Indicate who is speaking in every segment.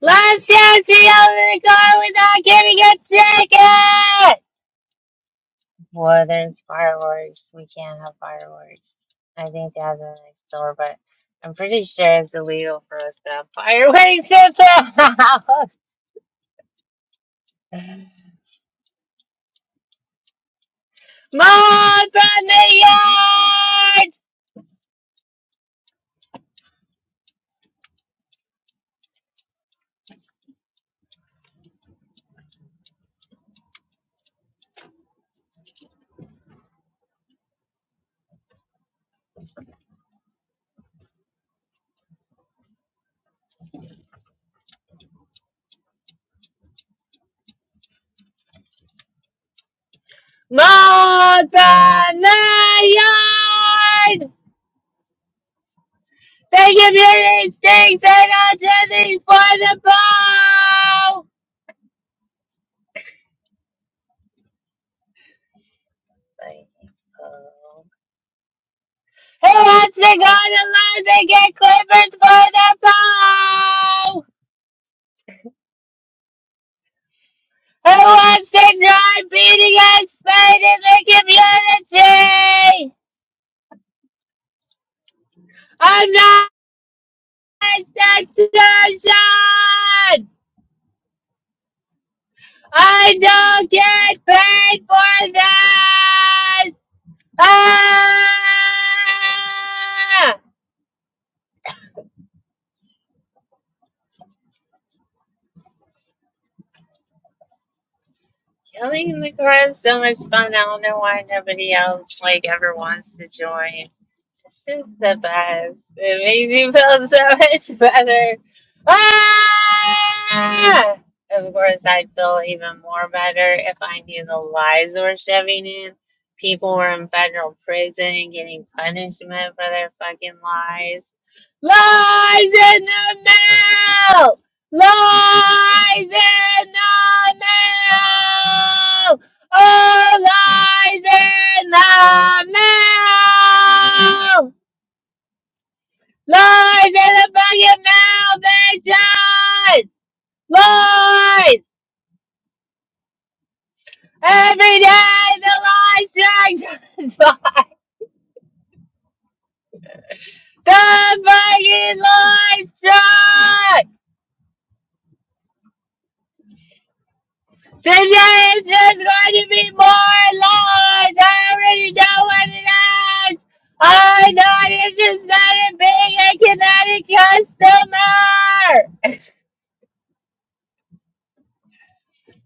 Speaker 1: Let's just be out in the car without getting a ticket! Well, there's fireworks. We can't have fireworks. I think they have them next door, but I'm pretty sure it's illegal for us to have fireworks at the house. Mom from the yard! Mom from the yard! They give you these things and I'll just these for the bow! Thank you. Who wants to go to London get Clippers for the ball? Who wants to try beating us Spain in the community? I'm not a station. I don't get paid for this. Ah! Killing in the car is so much fun. I don't know why nobody else like ever wants to join. It's just the best. It makes you feel so much better. Ah! Of course, I'd feel even more better if I knew the lies were shoving in. People were in federal prison getting punishment for their fucking lies. Lies in the mail! Lies in the mail! Oh, lies in the mail! Lies in the fucking maldition! Lies! Every day the lie strikes us. The fucking lie strikes! Today is just going to be more large. I already know what it is. I know it's just not a being a kinetic customer.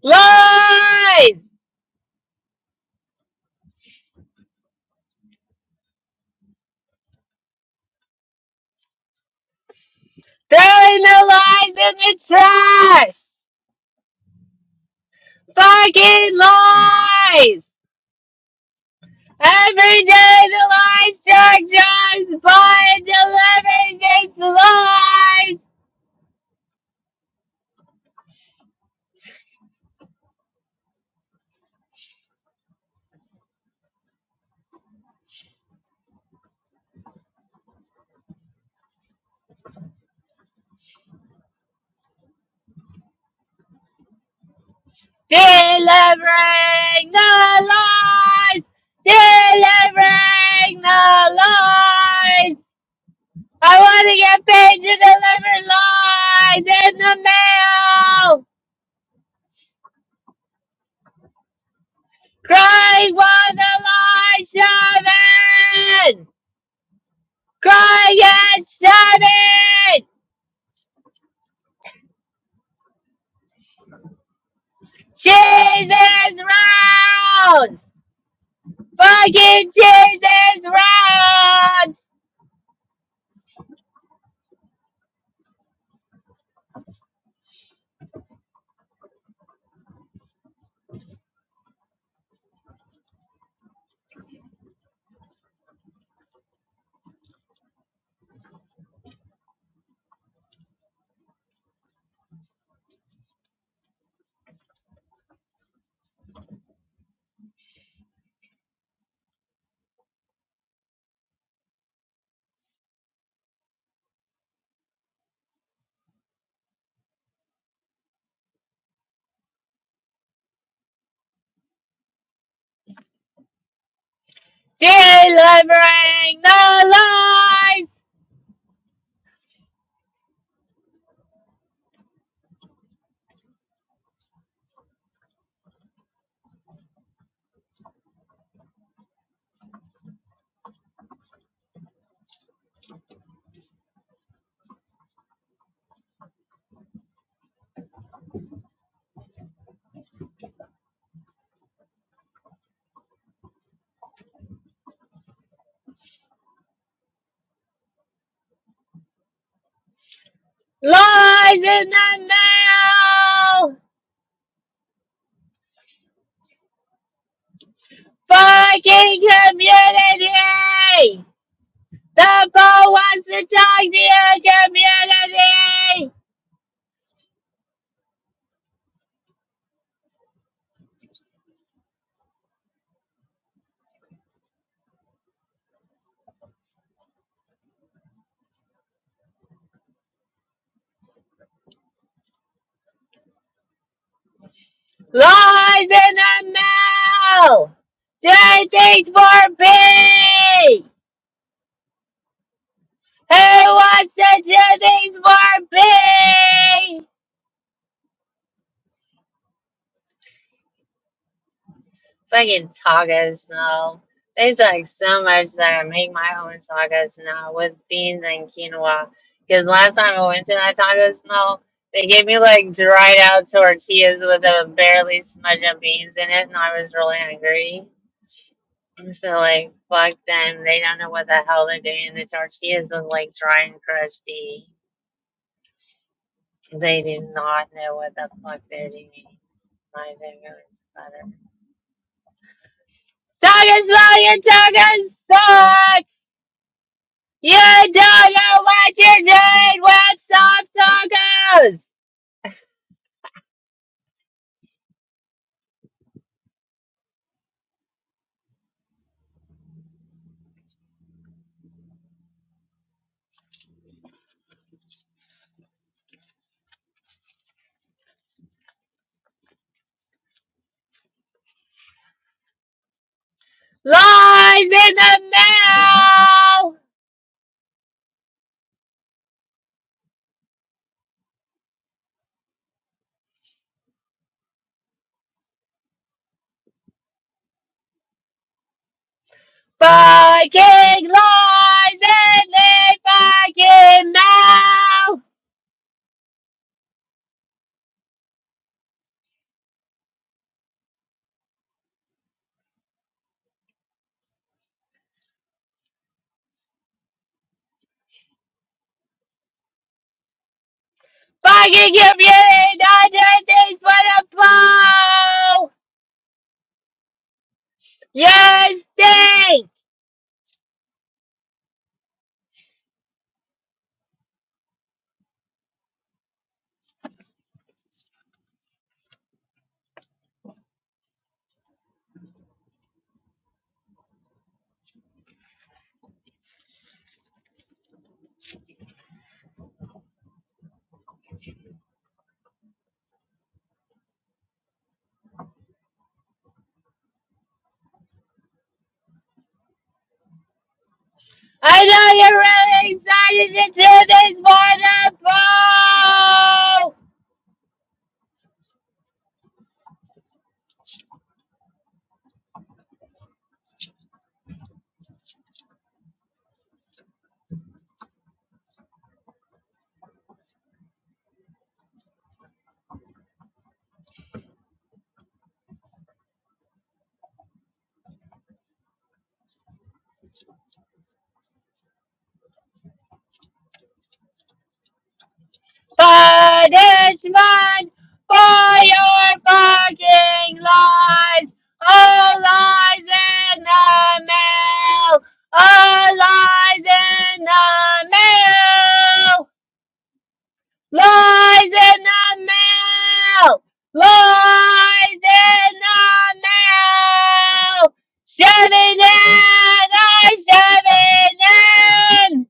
Speaker 1: Lies! Throwing the lies in the trash. Fucking lies! Every day the lies truck drives by and delivers its lies. delivering the lies, delivering the lies. I want to get paid to deliver lies in the mail. Crying while the lies, shine, crying and shouting, Jesus round, fucking Jesus round, delivering the lies. Lord, in the now fucking community. The Pope wants to talk to your community. Lord, in the now. Do things for me. Who wants to do things for me? Fucking tagas though. They like so much that I make my own tagas now with beans and quinoa. Because last time I went to that taco smell, they gave me like dried out tortillas with a barely smudge of beans in it, and I was really hungry. So like, fuck them. They don't know what the hell they're doing. The tortillas look like dry and crusty. They do not know what the fuck they're doing. My fingers butter. Tagas, smell your tagas! You don't know what you are doing. with Stop Talkers! Lies in the mail! Fucking lies in the fucking mail! Fucking computing identities for the blow! You stink! I know you're really excited to do this for the blow! punishment for your fucking lies. All lies in the mail. All lies in the mail. Lies in the mail. Lies in the mail. Shove it in, I shove it in.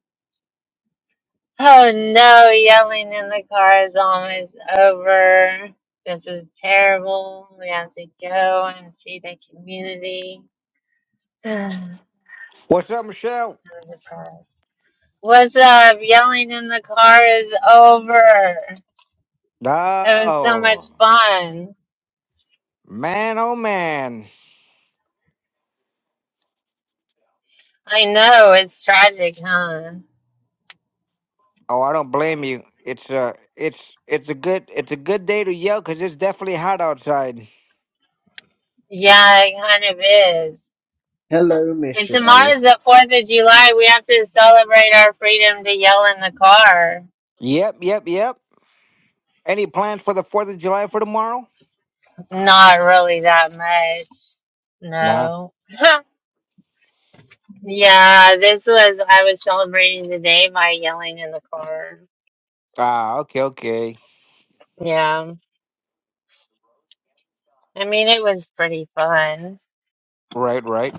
Speaker 1: Oh no, yelling in the car is almost over. This is terrible. We have to go and see the community. I'm
Speaker 2: What's up, Michelle?
Speaker 1: depressed. What's up? Yelling in the car is over. It was so much
Speaker 2: Oh
Speaker 1: fun.
Speaker 2: man, oh man.
Speaker 1: I know it's tragic, huh?
Speaker 2: Oh, I don't blame you. It's uh it's it's a good it's a good day to yell because it's definitely hot outside.
Speaker 1: Yeah, it kind of is.
Speaker 3: Hello,
Speaker 1: And tomorrow's
Speaker 3: Michelle.
Speaker 1: the 4th of July. We have to celebrate our freedom to yell in the car.
Speaker 2: Yep, yep, yep. Any plans for the Fourth of July for tomorrow?
Speaker 1: Not really that much.
Speaker 2: No.
Speaker 1: No. yeah, this was, I was celebrating the day by yelling in the car.
Speaker 2: Ah, okay, okay.
Speaker 1: Yeah. I mean, it was pretty fun.
Speaker 2: Right, right.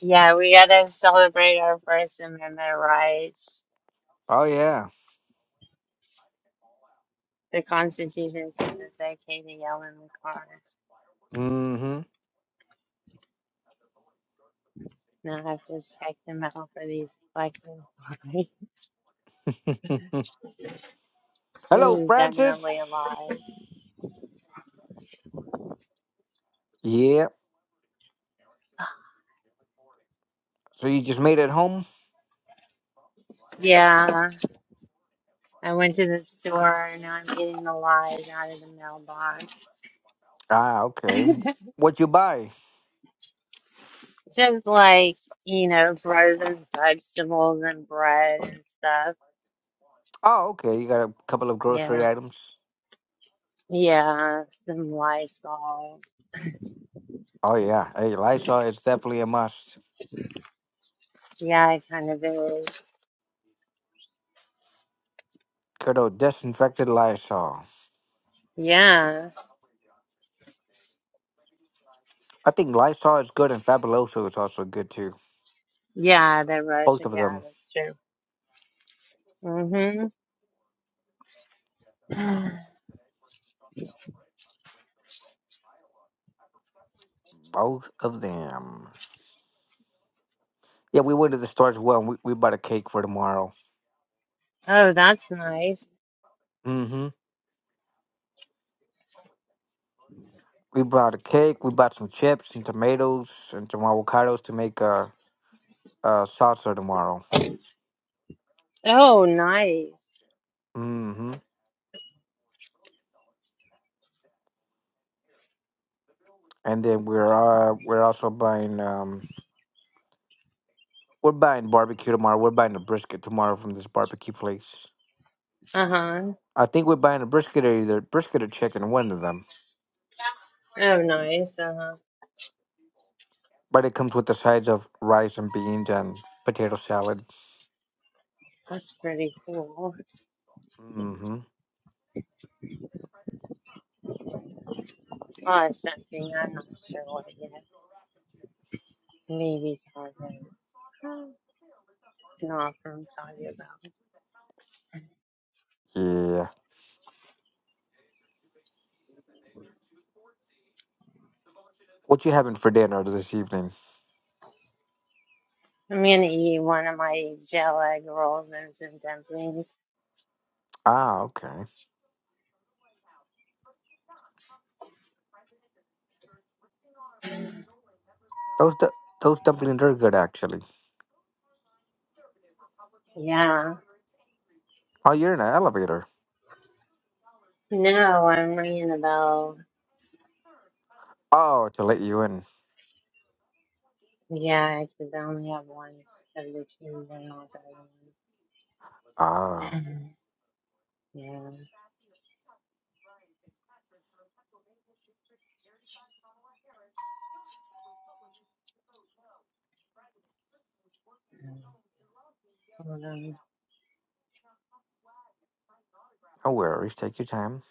Speaker 1: Yeah, we gotta celebrate our First Amendment rights.
Speaker 2: Oh yeah.
Speaker 1: The Constitution says it's okay to yell in the car.
Speaker 2: Mm-hmm.
Speaker 1: Not have to check them out for these fucking lies. This
Speaker 2: Hello,
Speaker 1: is
Speaker 2: Francis.
Speaker 1: definitely a lie.
Speaker 2: Yeah. So you just made it home?
Speaker 1: Yeah, I went to the store and now I'm getting the lies out of the mailbox.
Speaker 2: Ah, okay. What'd you buy?
Speaker 1: Just like, you know, grow them vegetables and bread and stuff.
Speaker 2: Oh, okay. You got a couple of
Speaker 1: Yeah.
Speaker 2: grocery items.
Speaker 1: Yeah. Some Lysol.
Speaker 2: Oh yeah, hey Lysol is definitely a must.
Speaker 1: Yeah, it kind of is.
Speaker 2: Good old disinfected Lysol.
Speaker 1: Yeah.
Speaker 2: I think Lysol is good and Fabuloso is also good too.
Speaker 1: Yeah, the
Speaker 2: Both
Speaker 1: roasted.
Speaker 2: of
Speaker 1: Yeah,
Speaker 2: them,
Speaker 1: that's true. Mm-hmm.
Speaker 2: both of them. Yeah, we went to the store as well. And we we bought a cake for tomorrow.
Speaker 1: Oh, that's nice.
Speaker 2: Mm-hmm. We bought a cake. We bought some chips and tomatoes and some avocados to make a, a salsa tomorrow.
Speaker 1: Oh, nice.
Speaker 2: Mm-hmm. And then we're uh we're also buying um we're buying barbecue tomorrow. We're buying a brisket tomorrow from this barbecue place.
Speaker 1: Uh-huh.
Speaker 2: I think we're buying a brisket or either brisket or chicken, one of them.
Speaker 1: Oh, nice. Uh-huh.
Speaker 2: But it comes with the sides of rice and beans and potato salad.
Speaker 1: That's pretty cool.
Speaker 2: Mm-hmm.
Speaker 1: Oh, it's something I'm not sure what it is. Maybe Taco. It's not from Taco Bell.
Speaker 2: Yeah. What you having for dinner this evening?
Speaker 1: I'm gonna eat one of my gel egg rolls and some dumplings.
Speaker 2: Ah, okay. Those du- those dumplings are good actually.
Speaker 1: Yeah.
Speaker 2: Oh, you're in an elevator.
Speaker 1: No, I'm ringing the bell.
Speaker 2: Oh, to let you in.
Speaker 1: Yeah, I could only have one of the cheese and all the
Speaker 2: Ah,
Speaker 1: other ones. yeah. Hold on.
Speaker 2: no worries. Take your time.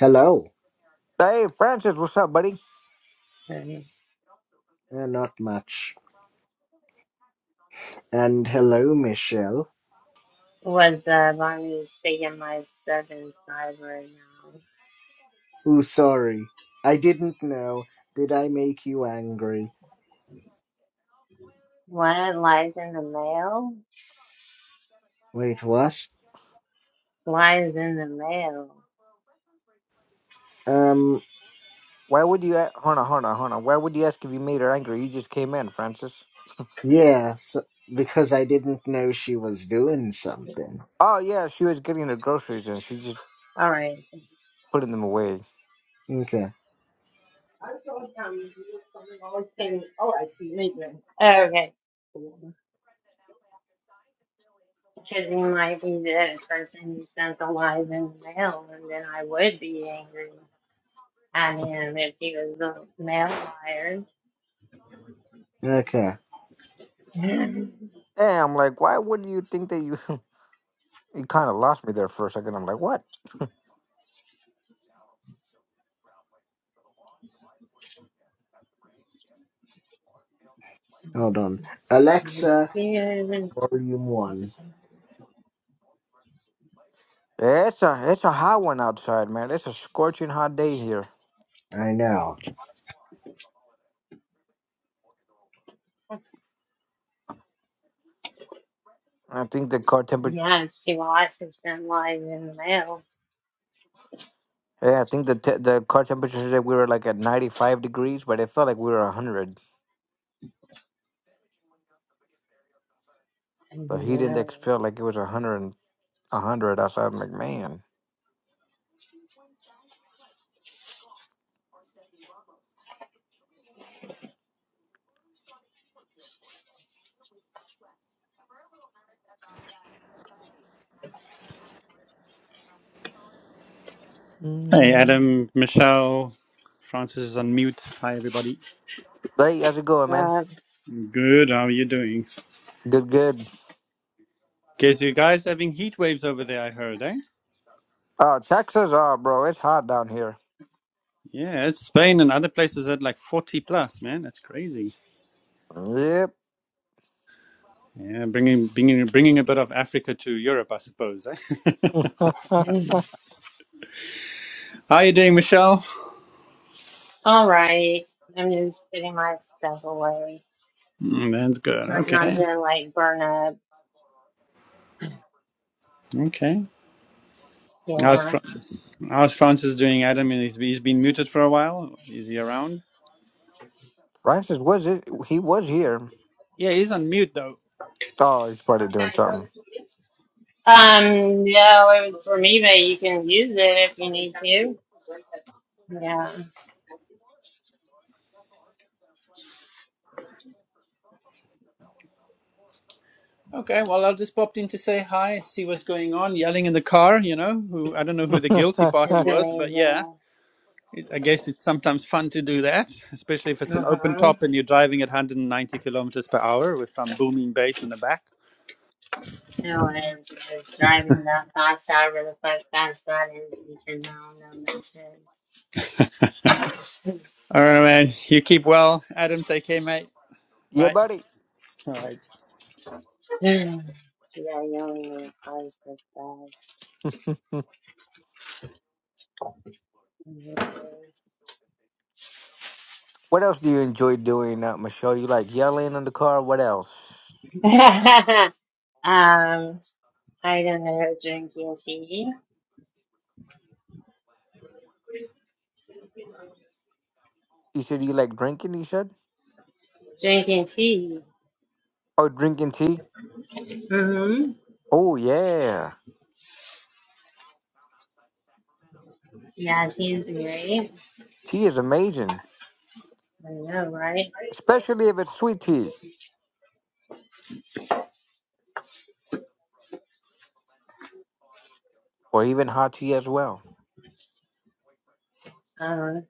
Speaker 3: Hello.
Speaker 2: Hey, Francis, what's up, buddy?
Speaker 1: Sorry.
Speaker 3: Eh, not much. And hello, Michelle.
Speaker 1: What's up? I'm taking my stuff inside right now.
Speaker 3: Oh, sorry. I didn't know. Did I make you angry?
Speaker 1: What? Lies in the mail?
Speaker 3: Wait, what?
Speaker 1: Lies in the mail.
Speaker 3: Um,
Speaker 2: Why would you? A- hold on, hold on, hold on. Why would you ask if you made her angry? You just came in, Francis.
Speaker 3: yeah, so, because I didn't know she was doing something.
Speaker 2: Oh yeah, she was getting her groceries and she just
Speaker 1: All right.
Speaker 2: putting them away.
Speaker 3: Okay,
Speaker 1: Okay. Because he might be the person who sent the lies in the mail, and then I would be angry at him if he was the mail liar.
Speaker 3: okay.
Speaker 2: And I'm like, why would you think that you? you kind of lost me there for a second. I'm like, what?
Speaker 3: Hold on. Alexa,
Speaker 1: Because,
Speaker 3: volume one.
Speaker 2: It's a it's a hot one outside, man. It's a scorching hot day here.
Speaker 3: I know.
Speaker 2: I think the car temperature.
Speaker 1: yes, he likes to send lies in the mail.
Speaker 2: Yeah, I think the te- the car temperature said we were like at 95 degrees, but it felt like we were 100.
Speaker 1: And
Speaker 2: The
Speaker 1: you
Speaker 2: heat index felt like it was 100 and 100 outside. I'm like, man.
Speaker 4: Hey,
Speaker 2: Mm.
Speaker 4: Adam, Michelle, Francis is on mute. Hi, everybody.
Speaker 2: Hey, how's it going, man?
Speaker 1: know,
Speaker 4: Good, how are you doing?
Speaker 2: Good, good.
Speaker 4: Guess you guys having heat waves over there, I heard, eh?
Speaker 2: Uh, Texas, uh, bro, it's hot down here.
Speaker 4: Yeah, it's Spain and other places at like 40 plus, man. That's crazy.
Speaker 2: Yep.
Speaker 4: Yeah, bringing, bringing, bringing a bit of Africa to Europe, I suppose, eh?
Speaker 1: but-
Speaker 4: how you doing, Michelle?
Speaker 1: all right, I'm just putting my stuff away.
Speaker 4: Mm, that's good.
Speaker 1: Trying not
Speaker 4: Okay.
Speaker 1: to like burn up.
Speaker 4: Okay. How's,
Speaker 1: Yeah.
Speaker 4: Fra- how's Francis doing, Adam? He's, he's been muted for a while. Is he around?
Speaker 2: Francis was it? He was here.
Speaker 4: Yeah, he's on mute, though.
Speaker 2: Oh, he's probably doing something.
Speaker 1: Um, no, it was for me, but you can use it if you need to. Yeah,
Speaker 4: Okay, well, I just popped in to say hi, see what's going on, yelling in the car, you know, who I don't know who the guilty party
Speaker 1: it's
Speaker 4: was, but yeah,
Speaker 1: amazing.
Speaker 4: it, I guess it's sometimes fun to do that, especially if it's an open
Speaker 1: Uh-huh.
Speaker 4: top and you're driving at 190 kilometers per hour with some booming bass in the back.
Speaker 1: No, and just driving that fast however the fuck fast that is, you can now know that shit.
Speaker 4: All right, man, you keep well. Adam, take care, mate.
Speaker 2: yeah,
Speaker 4: Bye.
Speaker 2: buddy.
Speaker 4: All right.
Speaker 1: You gotta yell in your cars so fast.
Speaker 2: what else do you enjoy doing, uh, Michelle? You like yelling in the car? What else?
Speaker 1: um, I don't know, drinking tea.
Speaker 2: You said you like drinking. You said?
Speaker 1: Drinking tea.
Speaker 2: Oh, drinking tea.
Speaker 1: Mm-hmm.
Speaker 2: Oh yeah,
Speaker 1: Yeah, tea is great.
Speaker 2: tea is amazing,
Speaker 1: I know, right?
Speaker 2: especially if it's sweet tea. or even hot tea as well.
Speaker 1: Um,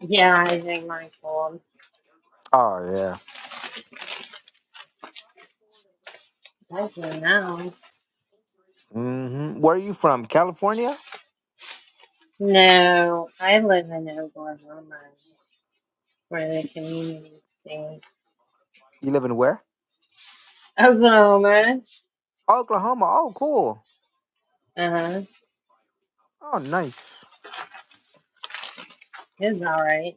Speaker 1: yeah, I drink mine cold.
Speaker 2: Oh yeah.
Speaker 1: I do now.
Speaker 2: hmm Where are you from? California?
Speaker 1: No, I live in Oklahoma. for the community thing.
Speaker 2: You live in where?
Speaker 1: Oklahoma,
Speaker 2: Oklahoma. Oh, cool.
Speaker 1: uh huh,
Speaker 2: Oh, nice.
Speaker 1: is all right,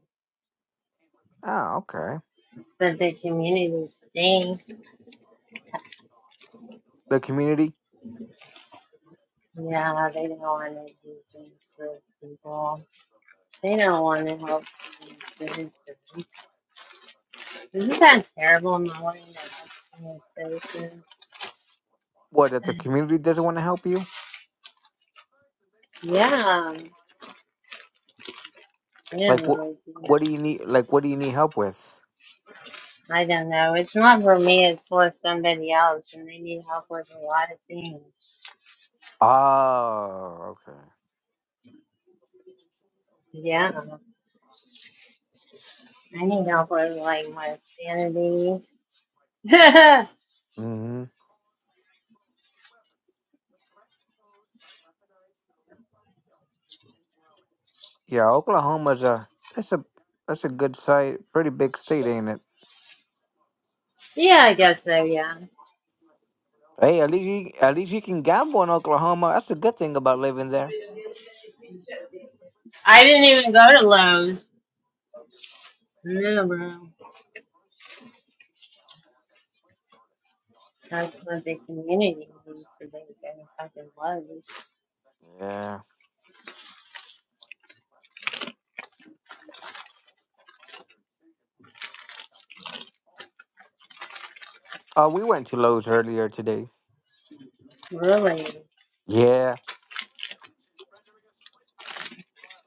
Speaker 2: Oh, okay.
Speaker 1: but the community stinks.
Speaker 2: The community.
Speaker 1: Yeah, they don't want to do things for people. They don't want to help. people. Isn't that terrible, Molly? that that's kind of crazy?
Speaker 2: What? That the community doesn't want to help you?
Speaker 1: Yeah, no, I don't
Speaker 2: Like what?
Speaker 1: really do that.
Speaker 2: What do you need? Like what do you need help with?
Speaker 1: I don't know. It's not for me. It's for somebody else, and they need help with a lot of things.
Speaker 2: Oh, okay.
Speaker 1: Yeah, I need help with like my sanity. yeah,
Speaker 2: hmm Yeah, Oklahoma's a. It's a. That's a good site. Pretty big state, ain't it?
Speaker 1: I guess so, yeah.
Speaker 2: Hey, at least you, at least you can gamble in Oklahoma. That's a good thing about living there.
Speaker 1: I didn't even go to Lowe's. No, bro. That's what the community needs to go to fucking Lowe's.
Speaker 2: Yeah. Uh, we went to Lowe's earlier today.
Speaker 1: Really?
Speaker 2: Yeah,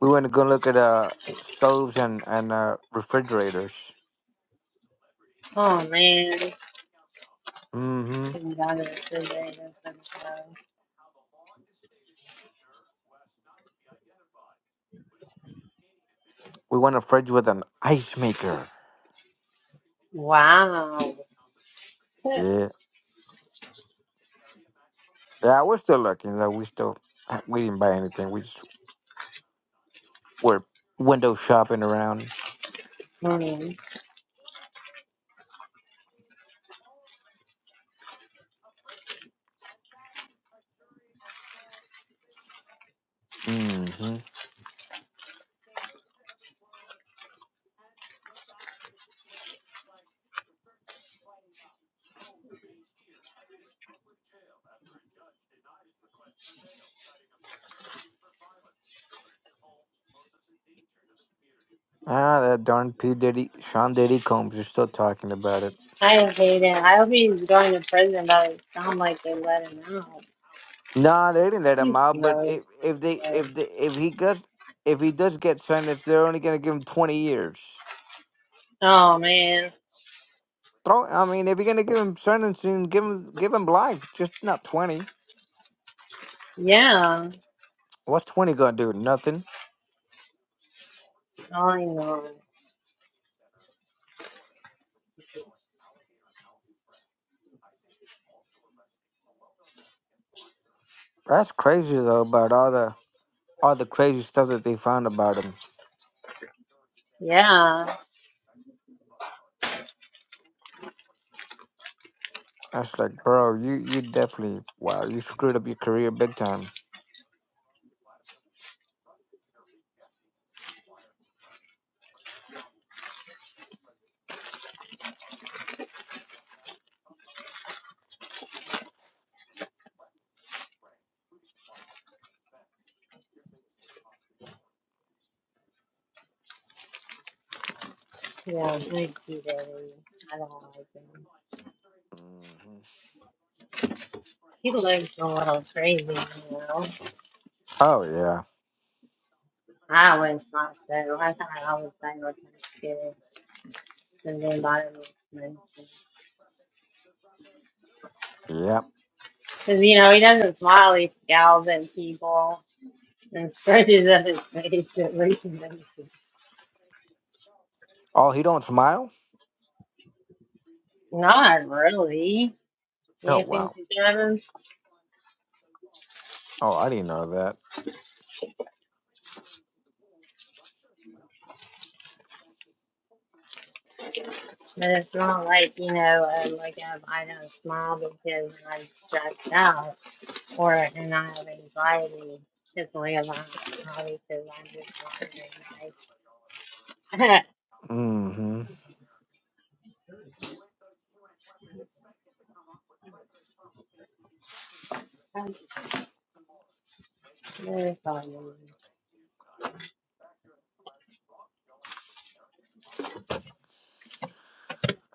Speaker 2: we went to go look at uh stoves and and uh, refrigerators.
Speaker 1: Oh, man.
Speaker 2: Mm-hmm.
Speaker 1: Couldn't go to the city, that's so bad.
Speaker 2: We want a fridge with an ice maker.
Speaker 1: Wow.
Speaker 2: Yeah, yeah. We're still lucky though. We still we didn't buy anything. We just were window shopping around.
Speaker 1: Hmm.
Speaker 2: Mm-hmm. Ah, that darn P Diddy, Sean Diddy Combs is still talking about it.
Speaker 1: I hate it. I hope he's going to prison, but it sounds like they let him out.
Speaker 2: Nah, they didn't let
Speaker 1: He's
Speaker 2: him out. But
Speaker 1: gross.
Speaker 2: if if they if they if he gets if he does get sentenced, they're only gonna give him twenty years.
Speaker 1: Oh, man.
Speaker 2: Throw. I mean, if you're gonna give him sentence and give him give him life, just not twenty.
Speaker 1: Yeah.
Speaker 2: What's twenty gonna do? Nothing.
Speaker 1: Oh, I know.
Speaker 2: That's crazy though about all the all the crazy stuff that they found about him.
Speaker 1: Yeah.
Speaker 2: That's like, bro, you you definitely wow, you screwed up your career big time.
Speaker 1: Yeah, thank you, Daddy. I don't like them.
Speaker 2: Mhm.
Speaker 1: People are just a little crazy, you know.
Speaker 2: Oh yeah,
Speaker 1: I always thought so. I thought I always thought you were kind of scared. And then bother me.
Speaker 2: yeah.
Speaker 1: Because, you know, he doesn't smile, he scowls at people and stretches up his face at reaches them.
Speaker 2: Oh, he don't smile.
Speaker 1: Not really.
Speaker 2: Oh
Speaker 1: You think
Speaker 2: wow.
Speaker 1: you have
Speaker 2: Oh, I didn't know that.
Speaker 1: But it's not like, you know, um, like if I don't smile because I'm stressed out. or and I have anxiety just realized probably because I'm just wondering
Speaker 2: hmm.
Speaker 1: I'm very sorry,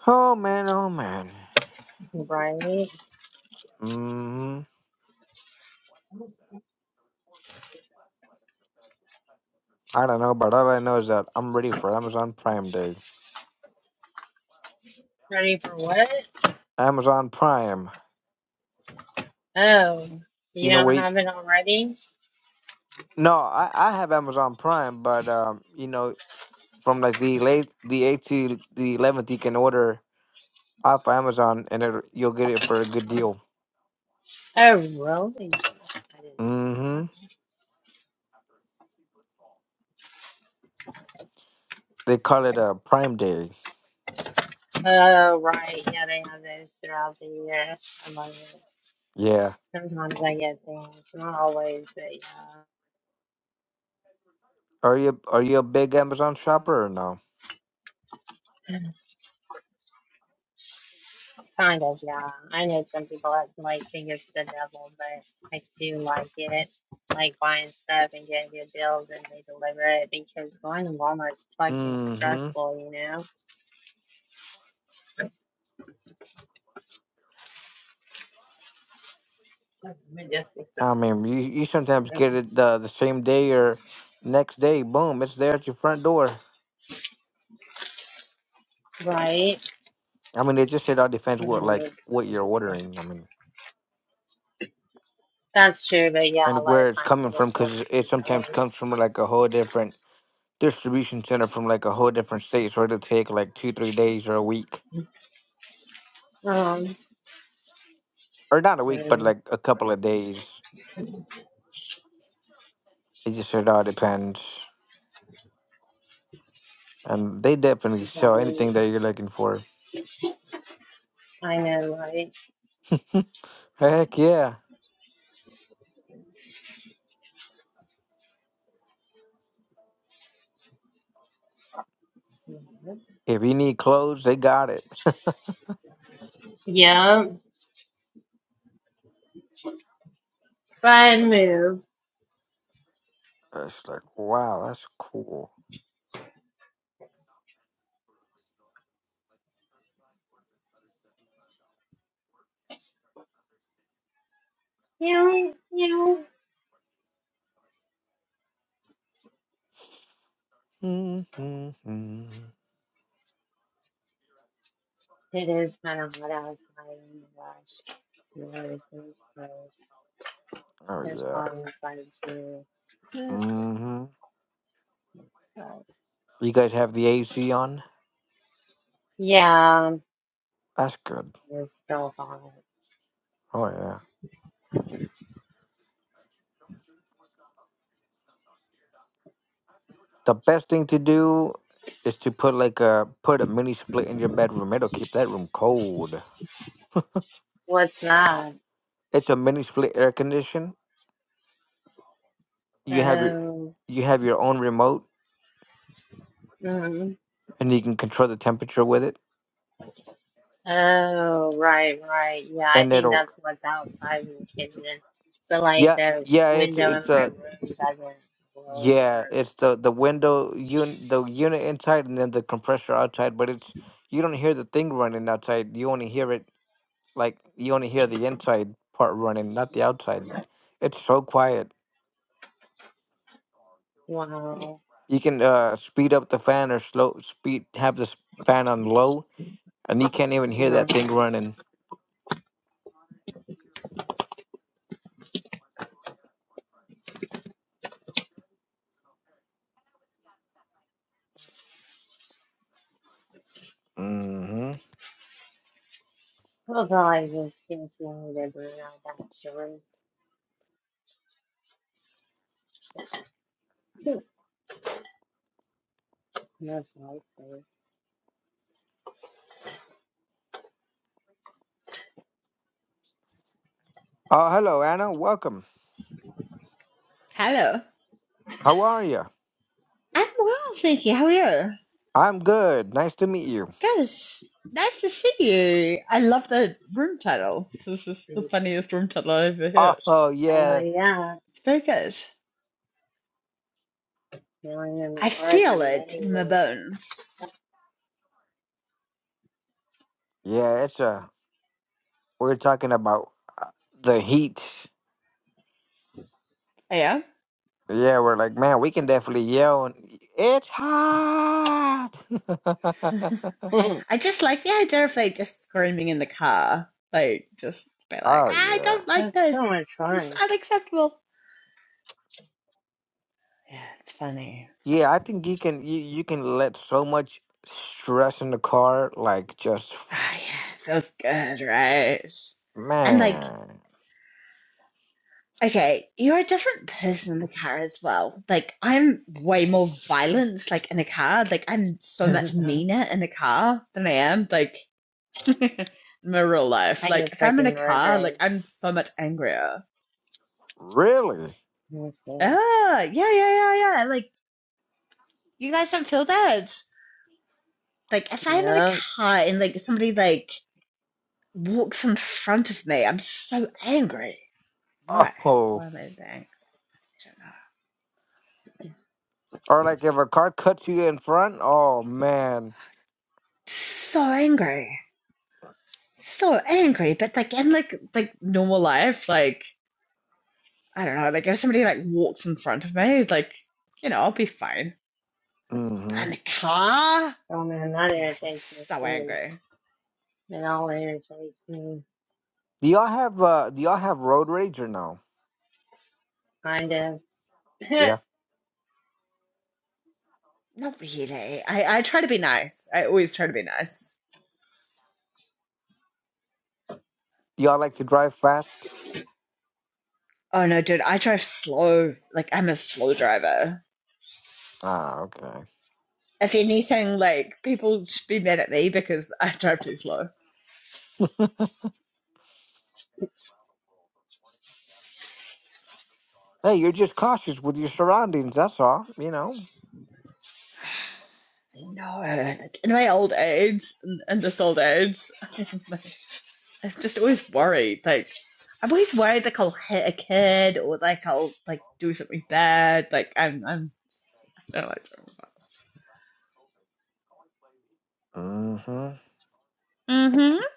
Speaker 2: Oh man, oh man.
Speaker 1: Bryony.
Speaker 2: Mm, I don't know, but all I know is that I'm ready for Amazon Prime Day.
Speaker 1: Ready for what?
Speaker 2: Amazon Prime.
Speaker 1: Oh, you
Speaker 2: You know,
Speaker 1: don't
Speaker 2: we
Speaker 1: have it already?
Speaker 2: no, I, I have Amazon Prime, but um, you know, from like the late the eighth to the eleventh, you can order off Amazon, and it, you'll get it for a good deal.
Speaker 1: Oh, really? I didn't know
Speaker 2: Mm-hmm.
Speaker 1: about
Speaker 2: They call it a Prime Day.
Speaker 1: that. Oh, right. Yeah, they have those throughout the year. I love it.
Speaker 2: Yeah.
Speaker 1: Sometimes I get things, not always, but
Speaker 2: Are you are you a big Amazon shopper or no?
Speaker 1: yeah. Kind of, yeah. I know some people that like think it's the devil, but I do like it. Like buying stuff and getting good deals and they deliver it because going to Walmart is fucking
Speaker 2: Mm-hmm.
Speaker 1: stressful, you know?
Speaker 2: I mean, you, you sometimes get it the, the same day or next day. Boom, it's there at your front door.
Speaker 1: Right?
Speaker 2: I mean, it just it all depends what
Speaker 1: Mhm,
Speaker 2: like
Speaker 1: it's
Speaker 2: what you're
Speaker 1: crazy.
Speaker 2: ordering. I mean,
Speaker 1: That's true, but yeah, a
Speaker 2: and
Speaker 1: lot
Speaker 2: where
Speaker 1: of
Speaker 2: it's
Speaker 1: times
Speaker 2: coming
Speaker 1: it
Speaker 2: from
Speaker 1: is one of
Speaker 2: because it
Speaker 1: these
Speaker 2: sometimes
Speaker 1: things.
Speaker 2: comes from like a whole different distribution center from like a whole different state, so it'll take like two, three days or a week,
Speaker 1: Um,
Speaker 2: or not a week, but like a couple of days. It just it all depends, and they definitely sell
Speaker 1: so, right.
Speaker 2: anything that you're looking for.
Speaker 1: I know, right?
Speaker 2: Heck yeah!
Speaker 1: Mhm.
Speaker 2: If you need clothes, they got it.
Speaker 1: Yeah, bad move.
Speaker 2: It's like, wow, that's cool.
Speaker 1: Yeah, yeah.
Speaker 2: Mm-hmm.
Speaker 1: It is kind of hot outside. Oh my gosh. Lord, things close.
Speaker 2: Oh,
Speaker 1: There's
Speaker 2: yeah.
Speaker 1: probably flights too.
Speaker 2: hmm
Speaker 1: But,
Speaker 2: You guys have the AC on?
Speaker 1: Yeah,
Speaker 2: That's good.
Speaker 1: it's still hot.
Speaker 2: Oh, yeah. The best thing to do is to put like a put a mini split in your bedroom. It'll keep that room cold.
Speaker 1: What's that?
Speaker 2: It's a mini split air condition. You have your
Speaker 1: Oh,
Speaker 2: you have your own remote
Speaker 1: mm
Speaker 2: and you can control the temperature with it.
Speaker 1: oh, right, right. Yeah, I
Speaker 2: And
Speaker 1: think
Speaker 2: it'll
Speaker 1: that's what's outside in the kitchen. But like
Speaker 2: yeah,
Speaker 1: the
Speaker 2: yeah, it's
Speaker 1: window in
Speaker 2: it's uh
Speaker 1: my room doesn't close
Speaker 2: Yeah,
Speaker 1: or
Speaker 2: it's the the window un the unit inside and then the compressor outside, but it's you don't hear the thing running outside. You only hear it like you only hear the inside part running, not the outside. It's so quiet.
Speaker 1: wow.
Speaker 2: You can uh speed up the fan or slow speed have the s- fan on low, and you can't even hear that
Speaker 1: Mm-hmm.
Speaker 2: thing running. Mm-hmm.
Speaker 1: Those are like the skins you need to bring that short. Most likely.
Speaker 2: Oh, hello, Anna. Welcome.
Speaker 5: Hello.
Speaker 2: How are you?
Speaker 5: I'm well, thank you. How are you?
Speaker 2: I'm good. Nice to meet you.
Speaker 5: Gosh, nice to see you. I love the room title. This is the funniest room title I've ever heard.
Speaker 2: Oh,
Speaker 1: Uh,
Speaker 2: yeah.
Speaker 1: yeah,
Speaker 5: It's very good.
Speaker 1: feeling in the
Speaker 5: I
Speaker 1: cars and
Speaker 5: feel it in my
Speaker 1: amazing.
Speaker 5: bones.
Speaker 2: Yeah, it's uh we're talking about uh, the heat.
Speaker 5: Oh, yeah?
Speaker 2: Yeah, we're like, man, we can definitely yell. And, it's hot.
Speaker 5: I just like the idea of like just screaming in the car. Like, just be like,
Speaker 2: oh
Speaker 5: I
Speaker 2: yeah,
Speaker 5: don't like
Speaker 1: That's so much
Speaker 5: this. This is
Speaker 1: fun.
Speaker 5: unacceptable. Yeah, it's funny.
Speaker 2: yeah. I think you can you, you can let so much stress in the car, like just
Speaker 5: Ah, yeah, feels good, right? And like,
Speaker 2: man,
Speaker 5: Okay, you're a different person in the car as well. Like I'm way more violent, like in the car. Like I'm so much meaner in the car than I am like in my real life.
Speaker 1: I
Speaker 5: Like
Speaker 1: can
Speaker 5: if I'm in a
Speaker 1: freaking road
Speaker 5: car, like
Speaker 1: rage.
Speaker 5: I'm so much angrier.
Speaker 2: really.
Speaker 1: Okay.
Speaker 5: Ah, yeah, yeah, yeah, yeah. Like you guys don't feel that. Like if I'm in a
Speaker 1: Yep.
Speaker 5: car and like somebody like walks in front of me, I'm so angry. Why?
Speaker 2: Oh,
Speaker 5: Why am I that angry? I don't know.
Speaker 2: or like if a car cuts you in front. Oh man.
Speaker 5: So angry. so angry, but like in like like normal life, like I don't know, like if somebody like walks in front of me, like you know, I'll be fine. But
Speaker 2: Mm-hmm.
Speaker 5: in a car,
Speaker 1: Oh man, that
Speaker 5: oh, I'm
Speaker 1: irritates me
Speaker 5: so
Speaker 1: too.
Speaker 5: angry.
Speaker 1: It all irritates me.
Speaker 2: Do y'all have uh? Do y'all have road rage or no?
Speaker 1: Kinda. yeah,
Speaker 2: Yeah.
Speaker 5: Not really. I I try to be nice. I always try to be nice.
Speaker 2: Do y'all like to drive fast?
Speaker 5: Oh no, dude, I drive slow. Like I'm a slow driver.
Speaker 2: Ah, okay.
Speaker 5: If anything, like people should be mad at me because I drive too slow.
Speaker 2: Hey, you're just cautious with your surroundings. That's all. You know.
Speaker 5: I know. Like in my old age, in, in this old age, I'm like I'm just always worried. Like, I'm always worried like I'll hit a kid or like I'll like do something bad. Like, I'm I'm I don't like driving fast.
Speaker 2: hmm
Speaker 5: Mm-hmm.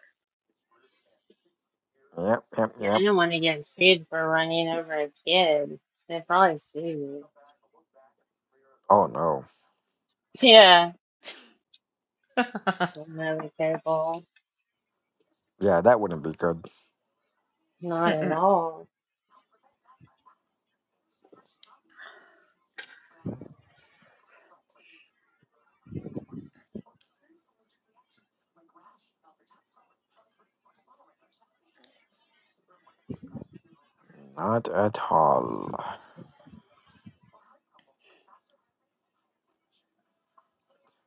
Speaker 2: Yep, yep,
Speaker 1: I
Speaker 2: yep.
Speaker 1: don't want to get sued for running over a kid. They probably sue you.
Speaker 2: Oh no.
Speaker 1: Yeah. So I'm not careful.
Speaker 2: Yeah, that wouldn't be good.
Speaker 1: Not at
Speaker 5: Mm-mm.
Speaker 1: all.
Speaker 2: Not at all.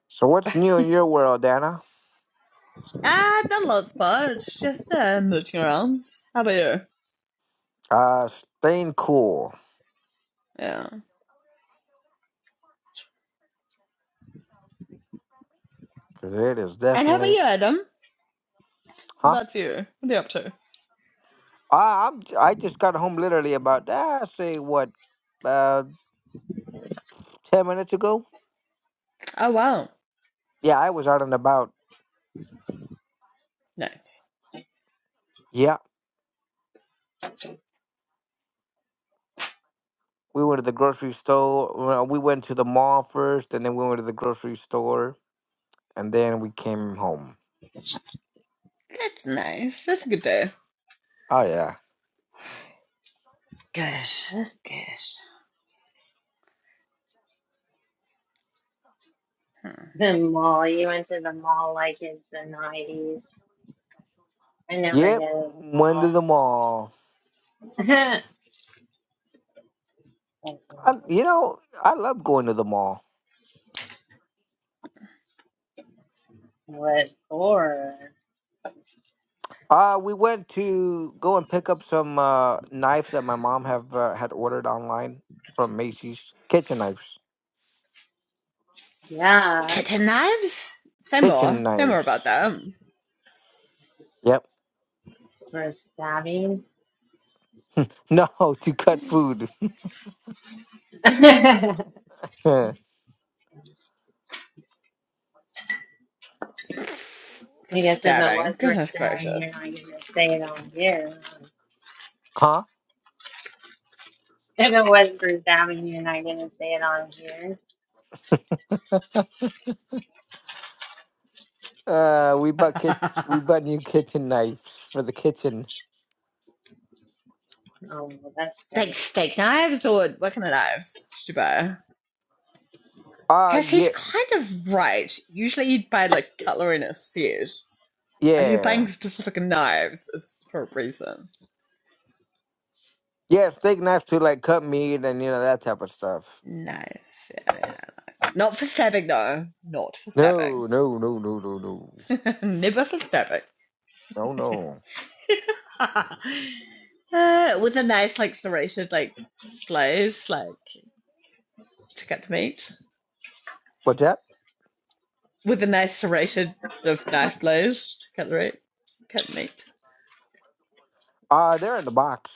Speaker 2: So what's new in your world, Anna?
Speaker 5: Ah, not a lot just uh, mooching around. How about you?
Speaker 2: Uh, staying cool,
Speaker 5: Yeah.
Speaker 2: cause it is
Speaker 5: And how about
Speaker 2: definitely,
Speaker 5: you, Adam? What
Speaker 2: huh?
Speaker 5: about you? What are you up to?
Speaker 2: I I'm I just got home literally about ah, say what, uh, 10 minutes ago,
Speaker 5: Oh wow,
Speaker 2: yeah, I was out and about.
Speaker 5: nice.
Speaker 2: Yeah, we went to the grocery store. well, We went to the mall first, and then we went to the grocery store, and then we came home.
Speaker 5: That's nice. That's a good day.
Speaker 2: Oh, yeah.
Speaker 5: Gosh, that's good. Hmm.
Speaker 1: The mall. You went to the mall like it's the 90s. I never go
Speaker 2: Yep,
Speaker 1: to
Speaker 2: went to the mall.
Speaker 1: the mall.
Speaker 2: I, you know, I love going to the mall.
Speaker 1: What for?
Speaker 2: Uh, we went to go and pick up some uh, knives that my mom have uh, had ordered online from Macy's. Kitchen knives.
Speaker 1: Yeah,
Speaker 5: Kitten knives. Say
Speaker 2: Kitchen
Speaker 5: more. Say more
Speaker 2: knives.
Speaker 5: about them.
Speaker 2: Yep.
Speaker 1: for stabbing.
Speaker 2: No, to cut food.
Speaker 1: I
Speaker 2: huh?
Speaker 1: guess if it
Speaker 5: Stabbing.
Speaker 1: was for
Speaker 5: Goodness
Speaker 1: stabbing, you're not
Speaker 5: gracious.
Speaker 1: gonna say it on here. If it was for stabbing, you're not gonna say it on here.
Speaker 2: Uh, we bought kit. We
Speaker 5: like
Speaker 2: bought new kitchen knives for the kitchen.
Speaker 1: Oh, well, that's great.
Speaker 5: steak knives or what kind of knives did you buy?
Speaker 2: Ah,
Speaker 5: Because he's
Speaker 2: yeah,
Speaker 5: kind of right. Usually you'd buy like cutlery in a set. If you're buying
Speaker 2: yeah,
Speaker 5: specific knives, it's for a reason.
Speaker 2: yeah. Steak knives to like cut meat and you know that type of stuff.
Speaker 5: Nice. Yeah, yeah, nice. Not for stabbing though. Not for stabbing.
Speaker 2: No, no, no, no, no, no,
Speaker 5: Never for stabbing.
Speaker 2: no, no.
Speaker 5: uh, with a nice like serrated like blade, like to cut the meat.
Speaker 2: What's that?
Speaker 5: with a nice serrated sort of knife blade to cut the meat. Cut the meat.
Speaker 2: Ah, they're in the box.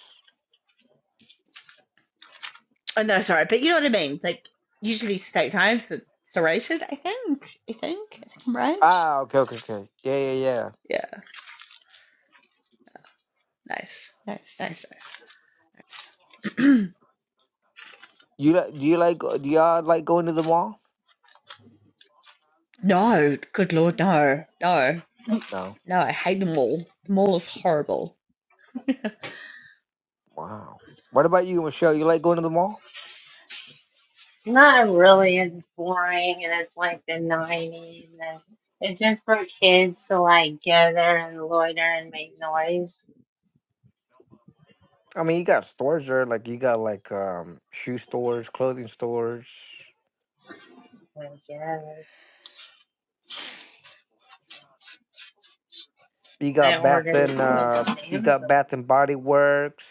Speaker 5: Oh no, sorry, but you know what I mean. Like usually steak knives are serrated. I think. I think. I think I'm right.
Speaker 2: Ah, okay, okay, okay. Yeah, yeah, yeah.
Speaker 5: Yeah. Nice. Nice. Nice. Nice. Nice.
Speaker 2: You li- do you like do y'all like going to the mall?
Speaker 5: no. Good lord. No. No.
Speaker 2: No.
Speaker 5: No. I hate the mall. The mall is horrible.
Speaker 2: Wow. What about you, Michelle? You like going to the mall?
Speaker 1: It's not really as boring, and it's like the '90s, and it's just for kids to like go there and loiter and make noise.
Speaker 2: I mean, you got stores there, like you got like um shoe stores, clothing stores.
Speaker 1: I guess
Speaker 2: You
Speaker 1: I
Speaker 2: got Bath
Speaker 1: ordered
Speaker 2: and
Speaker 1: food
Speaker 2: uh,
Speaker 1: on
Speaker 2: you got
Speaker 1: Amazon.
Speaker 2: Bath and Body Works.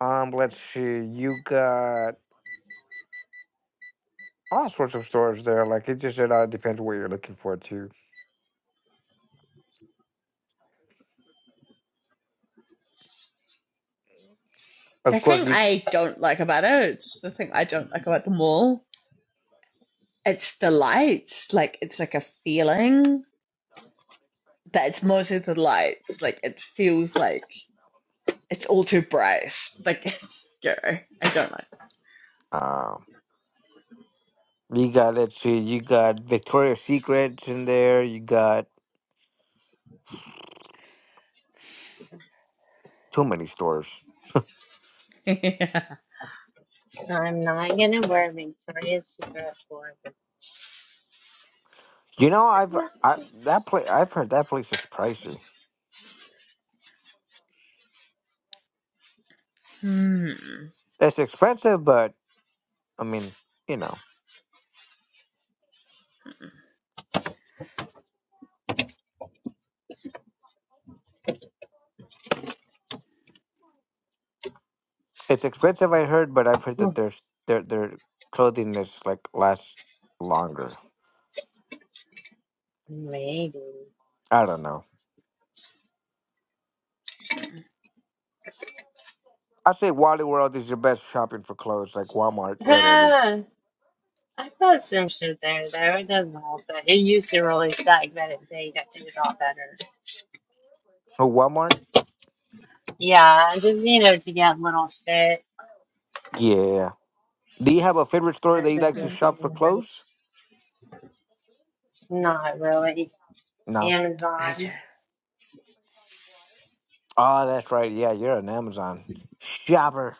Speaker 2: Um, let's see, you got all sorts of stores there. Like it just it all depends what you're looking for too.
Speaker 5: The
Speaker 2: Of course,
Speaker 5: thing
Speaker 2: you
Speaker 5: I don't like about it, it's the thing I don't like about the mall, it's the lights. Like it's like a feeling. that it's mostly the lights. Like it feels like it's all too bright. Like it's scary. I don't like
Speaker 2: um, you got let's see, you got Victoria's Secrets in there. You got too many stores.
Speaker 5: it. yeah.
Speaker 1: I'm not gonna wear Victoria's Secret for the
Speaker 2: You know, I've I that place I've heard that place is pricey.
Speaker 5: Hmm.
Speaker 2: It's expensive, but I mean, you know, it's expensive. I heard, but I've heard
Speaker 1: Oh,
Speaker 2: that there's their their clothing is like lasts longer.
Speaker 1: maybe.
Speaker 2: I don't know.
Speaker 5: Hmm.
Speaker 2: I say Wally World is your best shopping for clothes, like Walmart, literally.
Speaker 1: Ah, I thought some shit there though. It doesn't hold so it used to really suck, but it they got it got better.
Speaker 2: Oh, Walmart?
Speaker 1: Yeah, just you know, to get little shit.
Speaker 2: Yeah. Do you have a favorite store that
Speaker 1: There's
Speaker 2: you
Speaker 1: no
Speaker 2: like to
Speaker 1: good
Speaker 5: Hmm.
Speaker 2: shop for
Speaker 1: thing, right?
Speaker 2: clothes?
Speaker 1: Not really.
Speaker 2: No.
Speaker 5: I do.
Speaker 1: Amazon.
Speaker 2: Oh, that's right. Yeah, you're an Amazon shopper.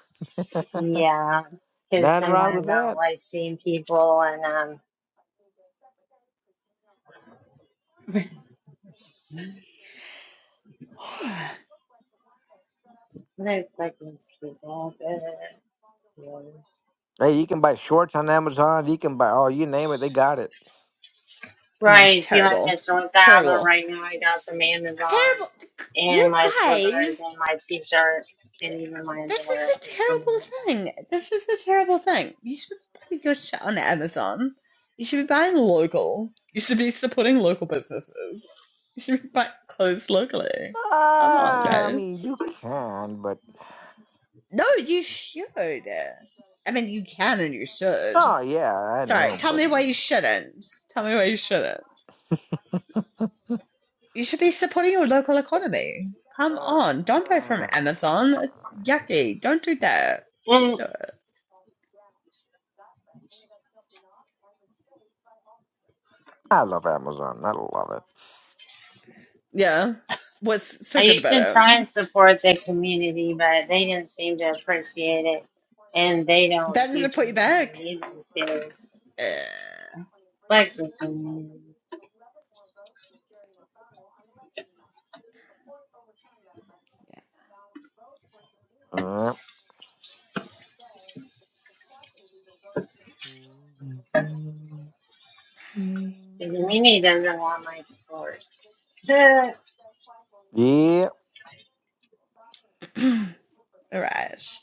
Speaker 1: Yeah. Because
Speaker 2: Nothing wrong with
Speaker 1: sometimes I don't
Speaker 2: that.
Speaker 1: like seeing people and um no fucking people. Ugh.
Speaker 2: Hey, you can buy shorts on Amazon. You can buy, oh, you name it, they got it.
Speaker 5: Oh, uh,
Speaker 1: Right. See, like
Speaker 5: terrible.
Speaker 1: the shorts I have on
Speaker 5: Terrible.
Speaker 1: right now. I got some Amazon
Speaker 5: Terrible. You
Speaker 1: and my slippers
Speaker 5: guys,
Speaker 1: and my t-shirt and even my
Speaker 5: this
Speaker 1: underwear
Speaker 5: is a
Speaker 1: is from
Speaker 5: terrible
Speaker 1: Amazon.
Speaker 5: thing. This is a terrible thing. You should be buying your shit on Amazon. You should be buying local. You should be supporting local businesses. You should be buying clothes locally.
Speaker 2: Uh,
Speaker 5: Come on,
Speaker 2: I
Speaker 5: guys.
Speaker 2: mean, you can, but.
Speaker 5: No, you should. I mean, you can and you should.
Speaker 2: No, yeah, I
Speaker 5: Sorry,
Speaker 2: know,
Speaker 5: tell
Speaker 2: but.
Speaker 5: me
Speaker 2: You
Speaker 5: why you shouldn't. Tell me why you shouldn't. You should be supporting your local economy.
Speaker 2: know,
Speaker 5: Come on, don't buy from
Speaker 2: uh,
Speaker 5: Amazon. It's yucky. Don't do that. Don't
Speaker 1: And
Speaker 5: do it.
Speaker 2: I love Amazon. I love it.
Speaker 5: Yeah. What's
Speaker 1: I
Speaker 5: so good
Speaker 1: used
Speaker 5: about
Speaker 1: to
Speaker 5: it?
Speaker 1: try and support the community, but they didn't seem to appreciate it, and they don't
Speaker 5: That
Speaker 1: do
Speaker 5: doesn't put you
Speaker 1: things that
Speaker 5: back.
Speaker 1: we need them to.
Speaker 5: Eh.
Speaker 1: Like the community,
Speaker 2: Yep.
Speaker 1: the community doesn't want my support.
Speaker 2: Yep.
Speaker 5: All right.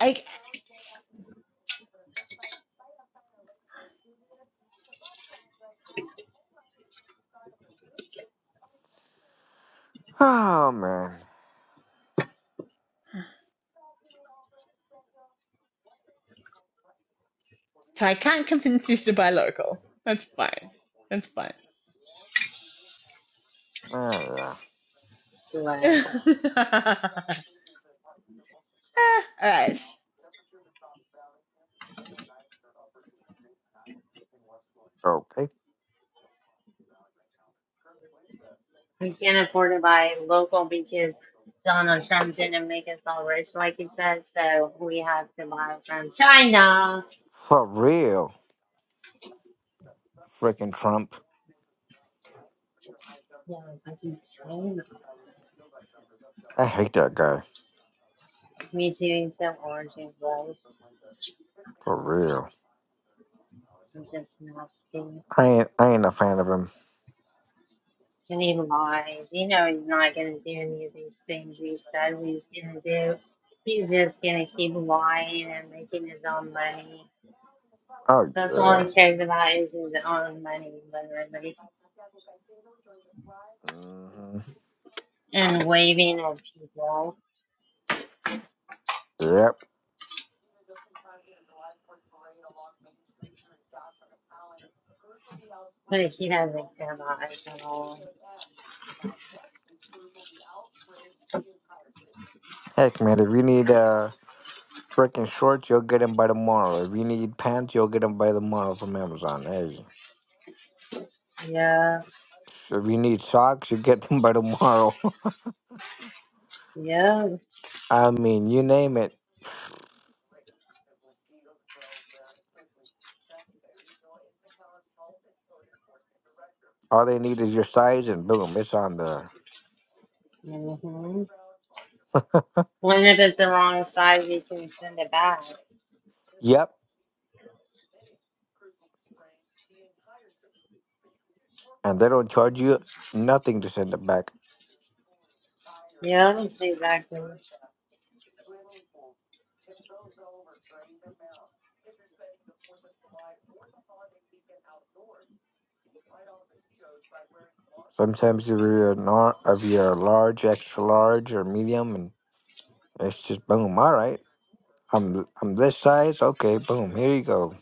Speaker 5: I,
Speaker 2: Oh man.
Speaker 5: so I can't convince you to buy local. That's fine. That's fine.
Speaker 2: Oh yeah.
Speaker 1: Bless.
Speaker 5: All right.
Speaker 2: Okay.
Speaker 1: We can't afford to buy local because Donald Trump didn't make us all rich, like he said, so we have to buy from China.
Speaker 2: For real. Freaking Trump.
Speaker 1: Yeah, fucking China.
Speaker 2: I hate that guy.
Speaker 1: Me too, so orange and gross.
Speaker 2: For real.
Speaker 1: It's just nasty.
Speaker 2: I ain't I ain't a fan of him.
Speaker 1: And he lies. You know he's not gonna do any of these things he says he's gonna do. He's just gonna keep lying and making his own money.
Speaker 2: Oh
Speaker 1: That's all
Speaker 2: yeah.
Speaker 1: he cares about is his own money, literally,
Speaker 2: hmm
Speaker 1: and waving at people.
Speaker 2: Yep.
Speaker 1: Like he doesn't care about us at all.
Speaker 2: Heck man, if you need uh freaking shorts, you'll get them by tomorrow. If you need pants, you'll get them by tomorrow from Amazon. Hey.
Speaker 1: Yeah,
Speaker 2: If you need socks, you get them by tomorrow.
Speaker 1: yeah.
Speaker 2: I mean, you name it. All they need is your size, and boom, it's on there.
Speaker 1: Mm-hmm. When if it's the wrong size, you can send it back.
Speaker 2: Yep. And they don't charge you nothing to send it back.
Speaker 1: Yeah, exactly.
Speaker 2: Sometimes if you're a nar- if you're a large, extra large, or medium, and it's just boom. All right, I'm I'm this size. Okay, boom. Here you go.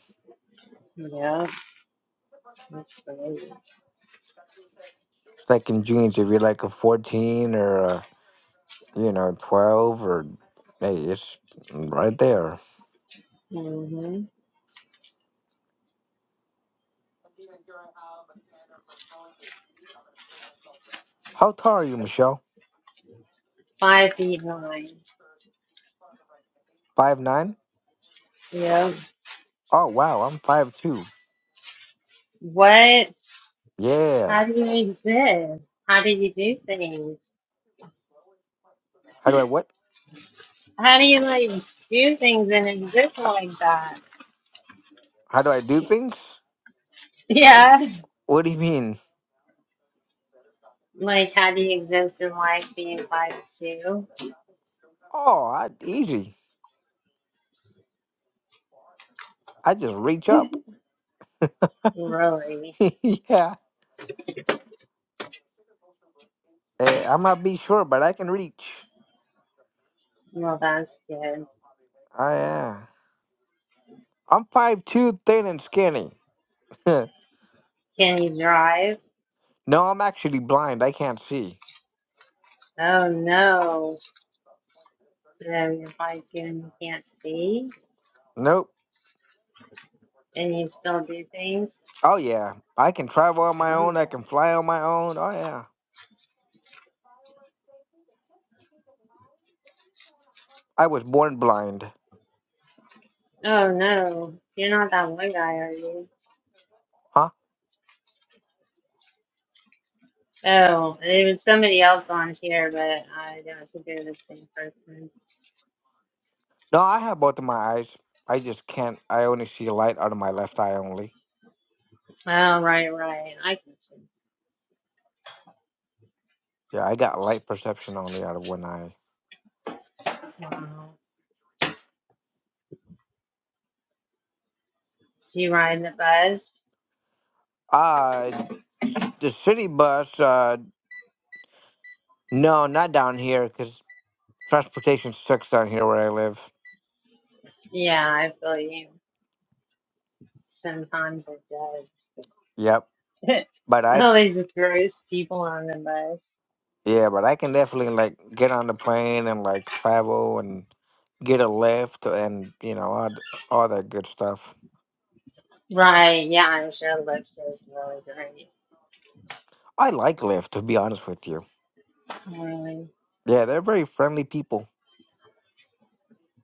Speaker 1: Yeah, that's crazy.
Speaker 2: It's like in jeans. If you're like a 14 or a, you know 12 or hey, it's right there.
Speaker 1: Mm-hmm.
Speaker 2: How tall are you, Michelle?
Speaker 1: Five feet nine.
Speaker 2: Five nine?
Speaker 1: Yeah.
Speaker 2: Oh wow, I'm five two.
Speaker 1: What?
Speaker 2: Yeah.
Speaker 1: How do you exist? How do you do things?
Speaker 2: How do I what?
Speaker 1: How do you like do things and exist like that?
Speaker 2: How do I do things?
Speaker 1: Yeah.
Speaker 2: What do you mean?
Speaker 1: Like how do you exist in life being five two?
Speaker 2: Oh, I, easy. I just reach up.
Speaker 1: Really?
Speaker 2: yeah. Eh, I might be short, but I can reach.
Speaker 1: Well, that's good.
Speaker 2: I am. I'm five two, thin and skinny. no,
Speaker 1: Can you drive?
Speaker 2: I'm actually blind. I can't see.
Speaker 1: Oh no. So you invite you and you can't see?
Speaker 2: Nope.
Speaker 1: And you still do things?
Speaker 2: Oh yeah, I can travel on my own. I
Speaker 1: Wow.
Speaker 2: can fly on my own. Oh yeah, I was born blind.
Speaker 1: Oh no. You're not that one guy, are you?
Speaker 2: Huh?
Speaker 1: Oh, there was somebody else on here, but I don't think they're the same person.
Speaker 2: No, I have both of my eyes. I just can't. I only see light out of my left eye only.
Speaker 1: Oh, right, right. I get you.
Speaker 2: Yeah, I got light perception only out of one eye.
Speaker 1: Wow. Do you ride the bus?
Speaker 2: Uh, s- the city bus. Uh, no, not down here because transportation sucks down here where I live.
Speaker 1: Yeah, I feel you. Sometimes it
Speaker 2: Yep.
Speaker 1: does.
Speaker 2: But I,
Speaker 1: All these gross people on the bus.
Speaker 2: yeah, but I can definitely like get on the plane and like travel and get a lift and you know all, th- all that good stuff.
Speaker 1: Right, yeah, I'm sure Lips is really great.
Speaker 2: I like Lyft to be honest with you.
Speaker 1: Really,
Speaker 2: Yeah, they're very friendly people.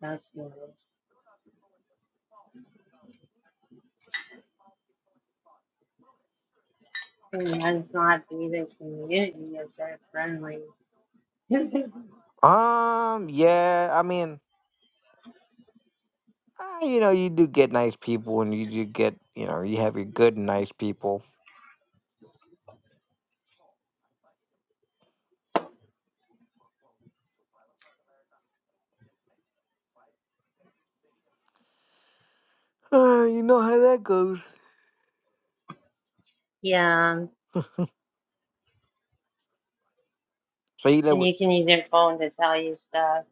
Speaker 1: that's nice. And that's not be the community if they're friendly. yeah,
Speaker 2: Um, yeah, I mean, uh, you know, you do get nice people and you do get, you know, you have your good and nice people. Uh, you know how that goes.
Speaker 1: and
Speaker 2: So you live with
Speaker 1: you can use your phone to tell you stuff.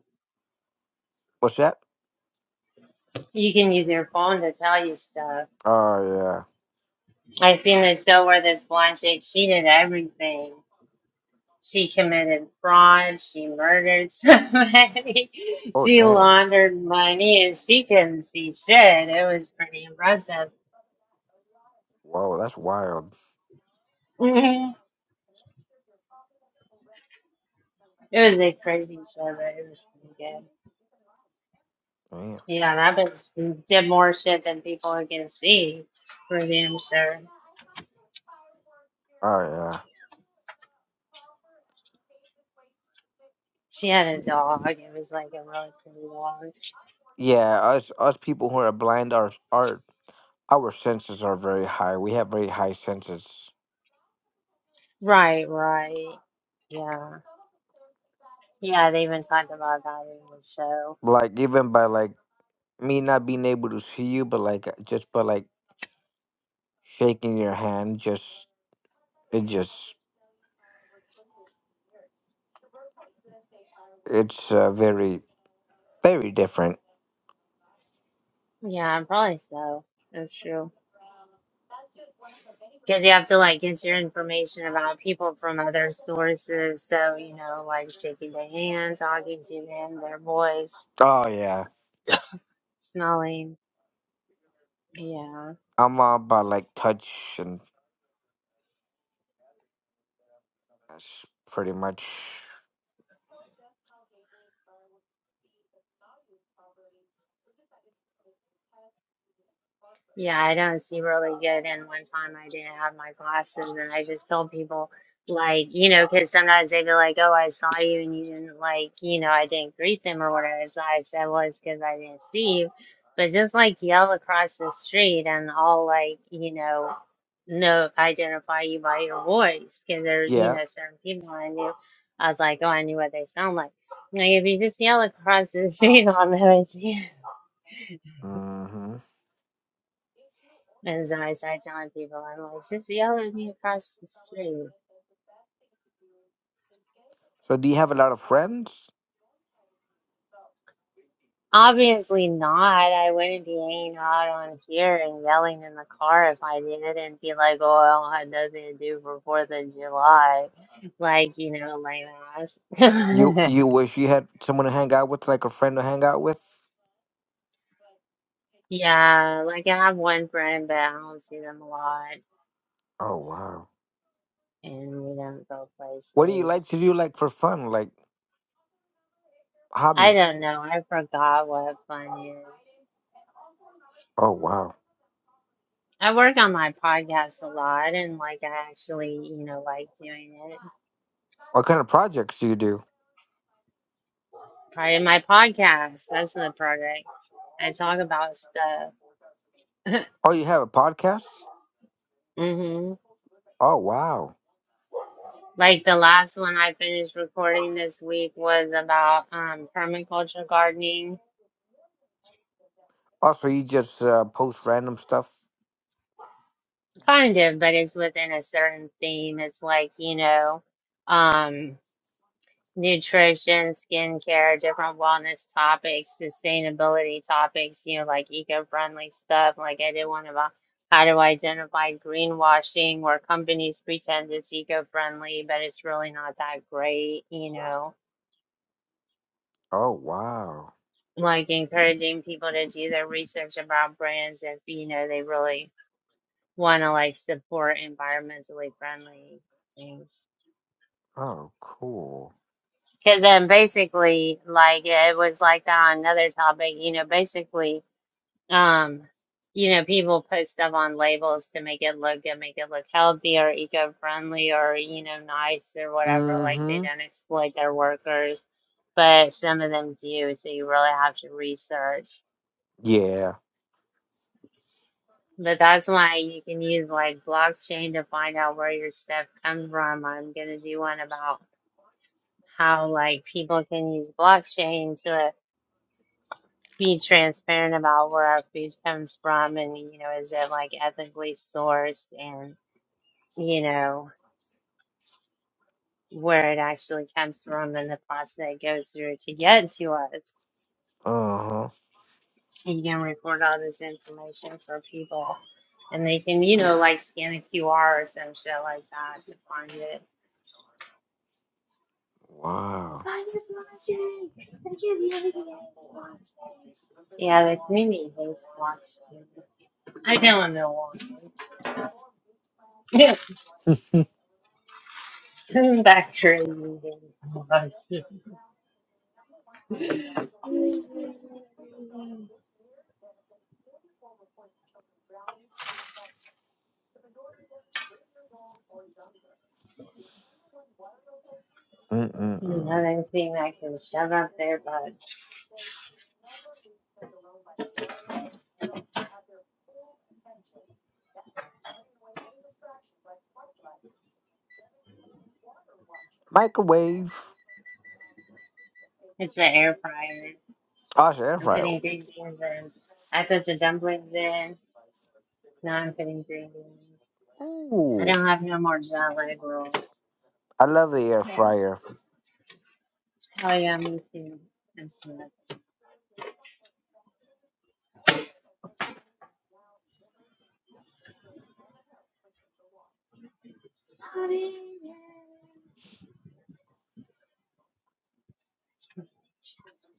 Speaker 2: what's that?
Speaker 1: You can use your phone to tell you stuff.
Speaker 2: Oh yeah.
Speaker 1: I seen the show where this blonde chick, she did everything. She committed fraud, she murdered somebody,
Speaker 2: Oh
Speaker 1: she
Speaker 2: damn.
Speaker 1: laundered money, and she couldn't see shit. It was pretty impressive.
Speaker 2: Whoa, that's wild.
Speaker 1: It was a crazy show, but it was pretty good.
Speaker 2: Damn.
Speaker 1: Yeah, and i that bitch did more shit than people can see, for damn sure.
Speaker 2: Oh yeah.
Speaker 1: She had a dog. It was like a really pretty dog.
Speaker 2: Yeah, us us people who are blind, our our our senses are very high. We have very high senses.
Speaker 1: Right, right. Yeah. Yeah, they even talked about that in the show.
Speaker 2: Like even by like me not being able to see you, but like just by like shaking your hand, just it just it's uh, very very different.
Speaker 1: Yeah, probably so. That's true. Because you have to like get your information about people from other sources. So, you know, like shaking their hand, talking to them, their voice,
Speaker 2: Oh yeah,
Speaker 1: smelling. Yeah.
Speaker 2: I'm all about like touch and s- pretty much
Speaker 1: Yeah, I don't see really good. And one time I didn't have my glasses, and I just told people, like, you know, because sometimes they'd be like, oh, I saw you, and you didn't, like, you know, I didn't greet them or whatever. So I said, well, it's because I didn't see you. But just like yell across the street, and I'll, like, you know, know, identify you by your voice, because there, you
Speaker 2: yeah.
Speaker 1: know, certain people I knew. I was like, oh, I knew what they sound like. Like, if you just yell across the street on them, it's
Speaker 2: Mm-hmm.
Speaker 1: As I started telling people, I'm like, just yell at me across the street.
Speaker 2: So do you have a lot of friends?
Speaker 1: Obviously not. I wouldn't be hanging out on here and yelling in the car if I did and be like, oh, I don't have nothing to do for 4th of July. Like, you know, lame ass.
Speaker 2: You you wish you had someone to hang out with, like a friend to hang out with?
Speaker 1: yeah, like I have one friend, but I don't see them a lot
Speaker 2: Oh wow.
Speaker 1: and we don't go
Speaker 2: What do you
Speaker 1: places.
Speaker 2: like to do like for fun? Like
Speaker 1: I
Speaker 2: hobbies?
Speaker 1: don't know. I forgot what fun is.
Speaker 2: Oh wow.
Speaker 1: I work on my podcast a lot and like I actually, you know, like doing it.
Speaker 2: What kind of projects do you do?
Speaker 1: Part of my podcast, that's the project. I talk about stuff.
Speaker 2: Oh you have a podcast?
Speaker 1: hmm
Speaker 2: Oh wow.
Speaker 1: Like the last one I finished recording this week was about um permaculture gardening.
Speaker 2: Also you just uh, post random stuff?
Speaker 1: Kind of, but it's within a certain theme. It's like, you know, um nutrition, skincare, different wellness topics, sustainability topics, you know, like eco-friendly stuff. Like I did one about how to identify greenwashing where companies pretend it's eco-friendly, but it's really not that great, you know.
Speaker 2: Oh wow.
Speaker 1: Like encouraging people to do their research about brands if, you know, they really want to like support environmentally friendly things.
Speaker 2: Oh cool.
Speaker 1: Because then basically, like it was like that on another topic, you know, basically Um, you know, people put stuff on labels to make it look good, make it look healthy or eco-friendly or, you know, nice or whatever, like they
Speaker 2: Mm-hmm.
Speaker 1: don't exploit their workers. But some of them do, so you really have to research.
Speaker 2: Yeah.
Speaker 1: But that's why you can use like blockchain to find out where your stuff comes from. I'm gonna do one about how like people can use blockchain to be transparent about where our food comes from and, you know, is it like ethically sourced you know, where it actually comes from and the process that it goes through to get to us.
Speaker 2: Uh-huh.
Speaker 1: You can record all this information for people and they can, you know, like scan a QR or some shit like that to find it.
Speaker 2: Wow.
Speaker 1: Yeah, the community hates Washington. I don't know. Isn't that crazy? thing. Another thing I can shove up their butts.
Speaker 2: Microwave.
Speaker 1: It's the air fryer.
Speaker 2: Oh, it's an air
Speaker 1: I'm
Speaker 2: fryer.
Speaker 1: putting green beans in. I put the dumplings in. No, I'm putting green beans. I
Speaker 2: Ooh,
Speaker 1: don't have no more jello rolls.
Speaker 2: I love the air
Speaker 1: Oh
Speaker 2: fryer.
Speaker 1: yeah, me too. I'm smoked.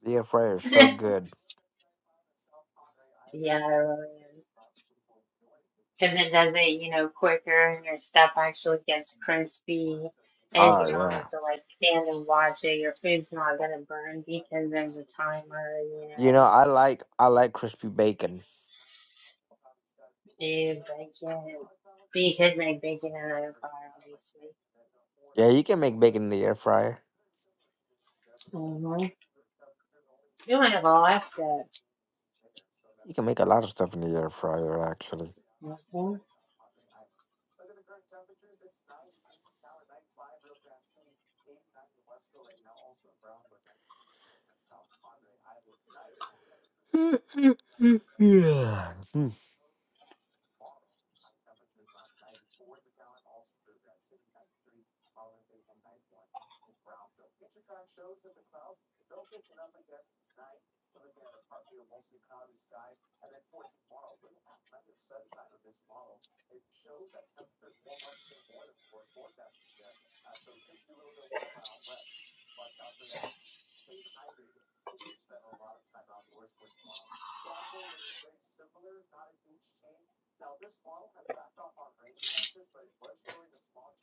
Speaker 2: The air fryer is so
Speaker 1: yeah,
Speaker 2: good.
Speaker 1: I really am. Because it does it, you know, quicker and your stuff actually gets crispy and
Speaker 2: Oh
Speaker 1: you don't
Speaker 2: yeah.
Speaker 1: have to like stand and watch it. Your food's not gonna burn because there's a timer, you
Speaker 2: You know,
Speaker 1: know.
Speaker 2: I like I like crispy bacon.
Speaker 1: Ew, bacon. But you could make bacon in an air fryer, obviously.
Speaker 2: Yeah, you can make bacon in the air fryer.
Speaker 1: Mm-hmm. You might have all that stuff.
Speaker 2: You can make a lot of stuff in the air fryer, actually.
Speaker 1: Mhm.
Speaker 2: Yeah. Hmm.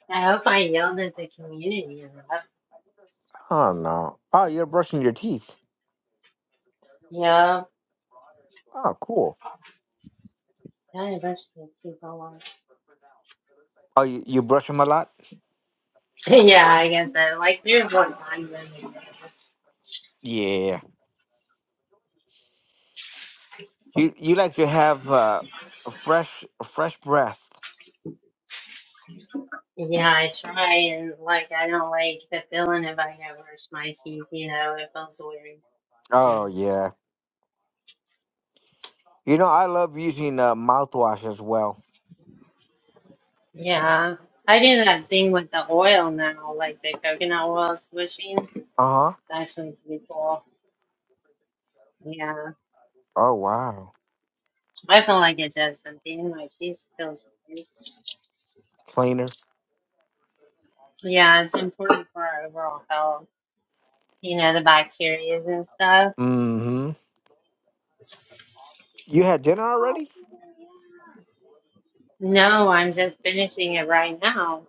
Speaker 1: I hope I yelled at the community enough.
Speaker 2: Oh no. Oh, you're brushing your teeth.
Speaker 1: Yeah,
Speaker 2: Oh, cool.
Speaker 1: I had a bunch sleep a lot.
Speaker 2: Oh, you, you brush them a lot?
Speaker 1: yeah, I guess that. Like, there's one time when,
Speaker 2: Yeah. You you like to have uh, a fresh a fresh breath.
Speaker 1: yeah, I try and, like, I don't like the feeling if I go brush my teeth, you know, it feels weird. So,
Speaker 2: Oh yeah. You know I love using uh, mouthwash as well.
Speaker 1: yeah. I do that thing with the oil now, like the coconut oil swishing. It's
Speaker 2: Uh huh.
Speaker 1: actually pretty cool. Yeah.
Speaker 2: Oh wow.
Speaker 1: I feel like it does something. My teeth feels nice.
Speaker 2: Cleaner.
Speaker 1: Yeah, it's important for our overall health. you know, the bacteria and stuff.
Speaker 2: Mm-hmm. You had dinner already?
Speaker 1: No, I'm just finishing it right now.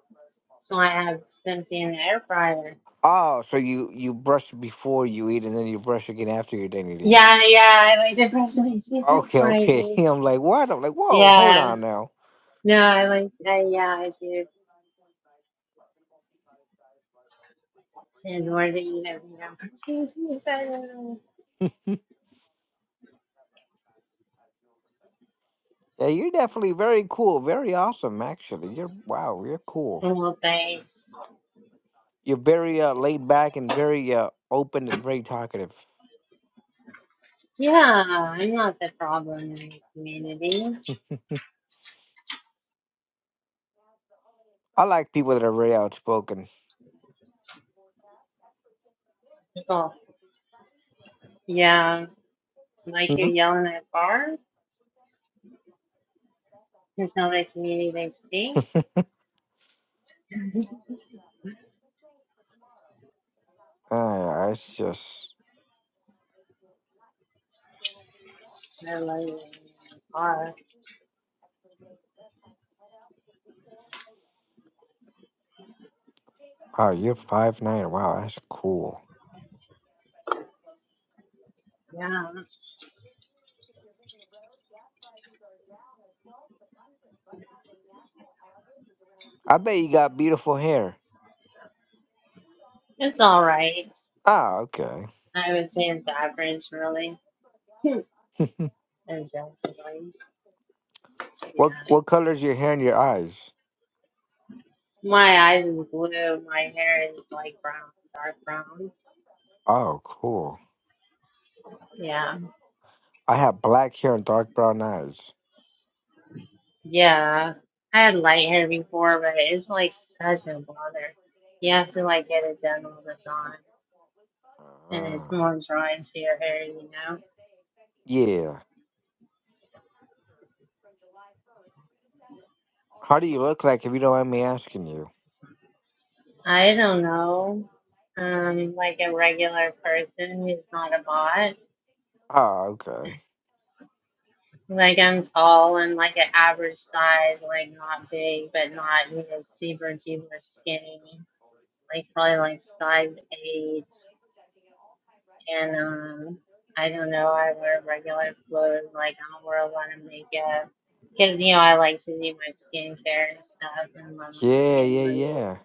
Speaker 1: So I have something in the air fryer.
Speaker 2: Oh, so you you brush before you eat, and then you brush again after your dinner. Then
Speaker 1: Yeah, yeah, I like to brush my teeth in
Speaker 2: okay, okay. I'm like, what? I'm like, whoa, hold
Speaker 1: Yeah.
Speaker 2: on now.
Speaker 1: No, I like to, uh, yeah, I do. And we're the, you know, you I don't know.
Speaker 2: Yeah, you're definitely very cool, very awesome. Actually, you're wow, you're cool.
Speaker 1: Oh, Well, thanks.
Speaker 2: You're very uh, laid back and very uh, open and very talkative.
Speaker 1: Yeah, I'm not the problem in the community.
Speaker 2: I like people that are very outspoken.
Speaker 1: People, yeah, like you yelling at bars and tell the community they stink.
Speaker 2: Ah, it's just
Speaker 1: I love you.
Speaker 2: wow, you're five nine. Wow, that's cool.
Speaker 1: Yeah,
Speaker 2: I bet you got beautiful hair.
Speaker 1: it's all right.
Speaker 2: Ah, okay.
Speaker 1: I would say it's average, really. Hmm. Objectively. Yeah.
Speaker 2: What what colors your hair and your eyes?
Speaker 1: My eyes is blue. My hair is like brown, dark brown.
Speaker 2: Oh, cool.
Speaker 1: Yeah.
Speaker 2: I have black hair and dark brown eyes.
Speaker 1: Yeah. I had light hair before, but it's like such a bother. You have to like get it done all the time. And it's
Speaker 2: Ah.
Speaker 1: more drying to your hair, you know?
Speaker 2: Yeah. How do you look like if you don't mind me asking you?
Speaker 1: I don't know. Um, like a regular person who's not a bot.
Speaker 2: Ah, okay.
Speaker 1: Like I'm tall and like an average size, like not big, but not you know super super skinny. Like probably like size eight. And um, I don't know. I wear regular clothes. Like I don't wear a lot of makeup because you know I like to do my skincare and stuff and love my
Speaker 2: Yeah,
Speaker 1: skin
Speaker 2: yeah,
Speaker 1: really.
Speaker 2: yeah.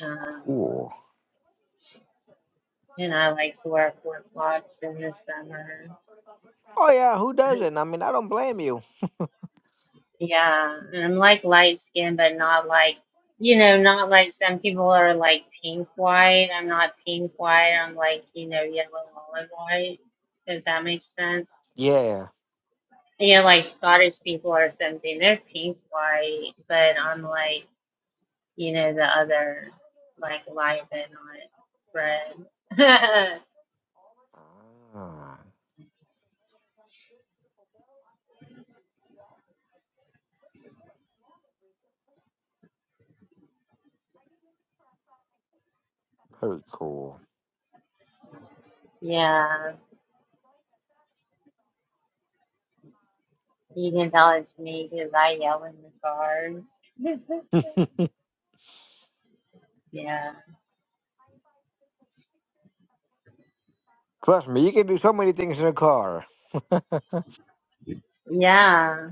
Speaker 1: Um,
Speaker 2: Cool.
Speaker 1: and I like to wear flip flops in the summer.
Speaker 2: Oh yeah, who doesn't? I mean, I don't blame you.
Speaker 1: Yeah, and I'm like light skin, but not like, you know, not like some people are like pink white. I'm not pink white. I'm like, you know, yellow olive white, if that makes sense.
Speaker 2: Yeah.
Speaker 1: You know, like Scottish people or something, they're pink white, but I'm like, you know, the other, like light but not red.
Speaker 2: Ah, very cool.
Speaker 1: Yeah, you can tell it's me because I yell in the car. Yeah,
Speaker 2: Trust me, you can do so many things in a car.
Speaker 1: yeah.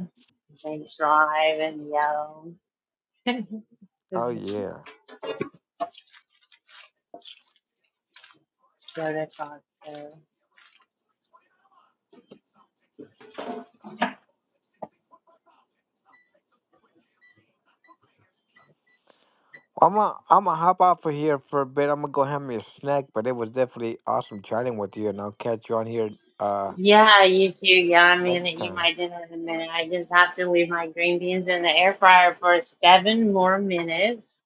Speaker 1: James Drive and yell. Go
Speaker 2: Oh yeah.
Speaker 1: to Costco.
Speaker 2: I'm gonna I'm gonna hop off of here for a bit. I'm gonna go have me a snack, but it was definitely awesome chatting with you, and I'll catch you on here uh
Speaker 1: Yeah, you too. Yeah, I'm gonna
Speaker 2: next
Speaker 1: eat
Speaker 2: time.
Speaker 1: my dinner in a minute. I just have to leave my green beans in the air fryer for seven more minutes,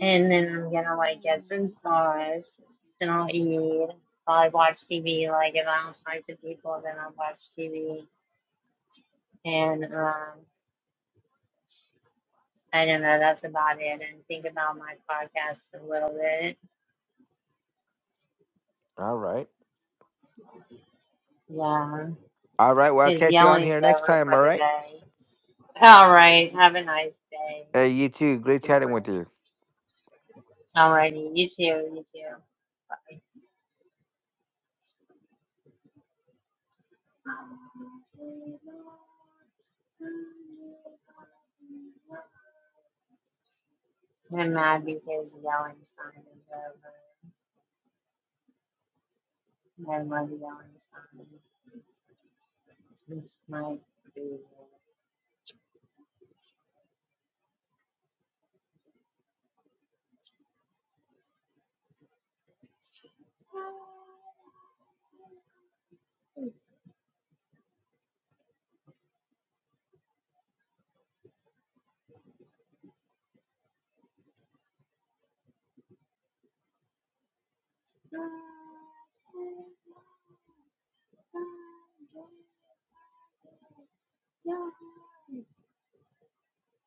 Speaker 1: and then I'm gonna like get some sauce. Then I'll eat. Probably watch TV. Like if I don't talk to people, then I'll watch TV. And um, I don't know. That's about it. And think about my podcast a little bit.
Speaker 2: All right.
Speaker 1: Yeah,
Speaker 2: All right. Well, I'll
Speaker 1: his
Speaker 2: catch you on
Speaker 1: yelling's
Speaker 2: here next
Speaker 1: over
Speaker 2: time.
Speaker 1: for
Speaker 2: All
Speaker 1: the
Speaker 2: right.
Speaker 1: day. All right. Have a nice day.
Speaker 2: Uh, you too. Great
Speaker 1: Goodbye.
Speaker 2: chatting with you.
Speaker 1: All righty. You too. You too. Bye. I'm mad because yelling time is over. I love yelling time. This might be yeah.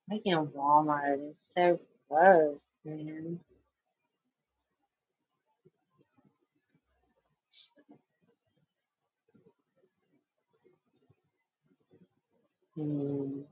Speaker 1: Freaking Walmart is so close, man. Hmm.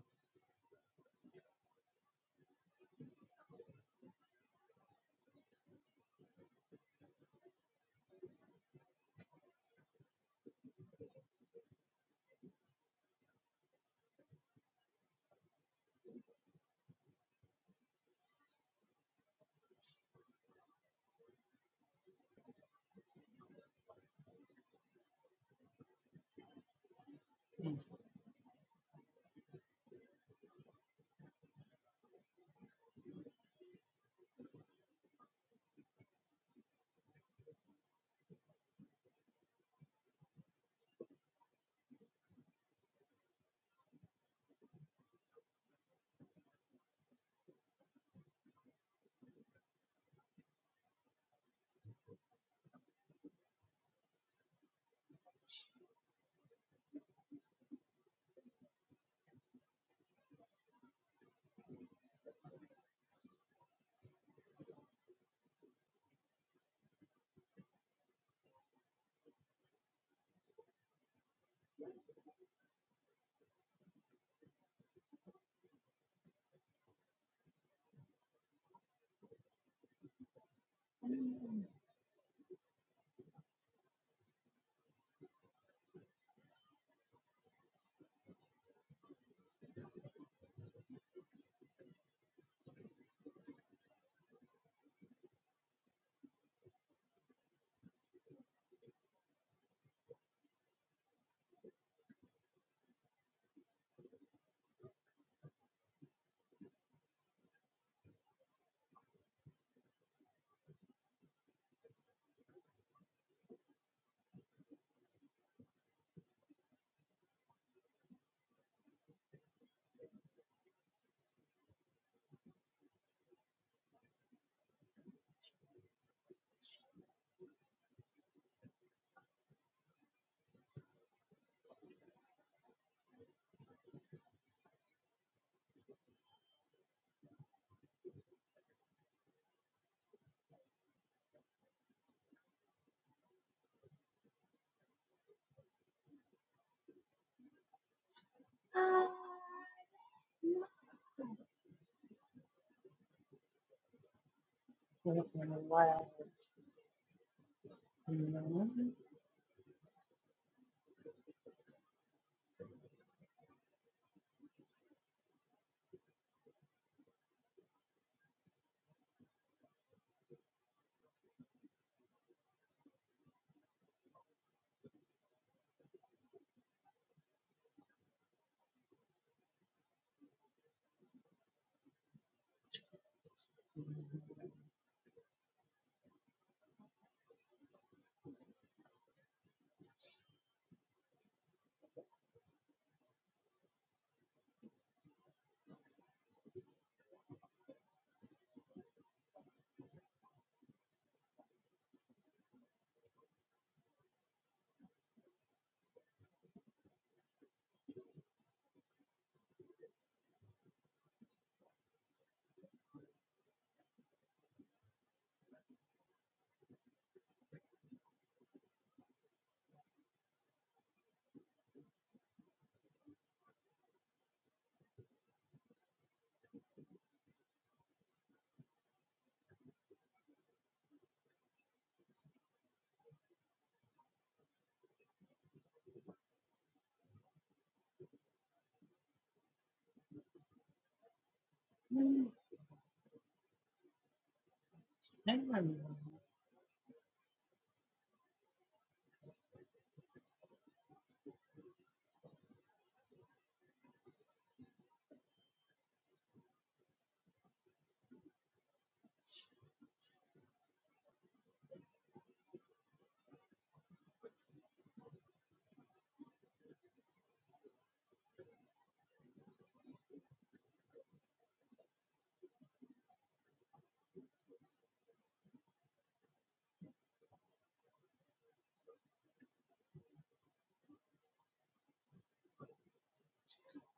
Speaker 1: what?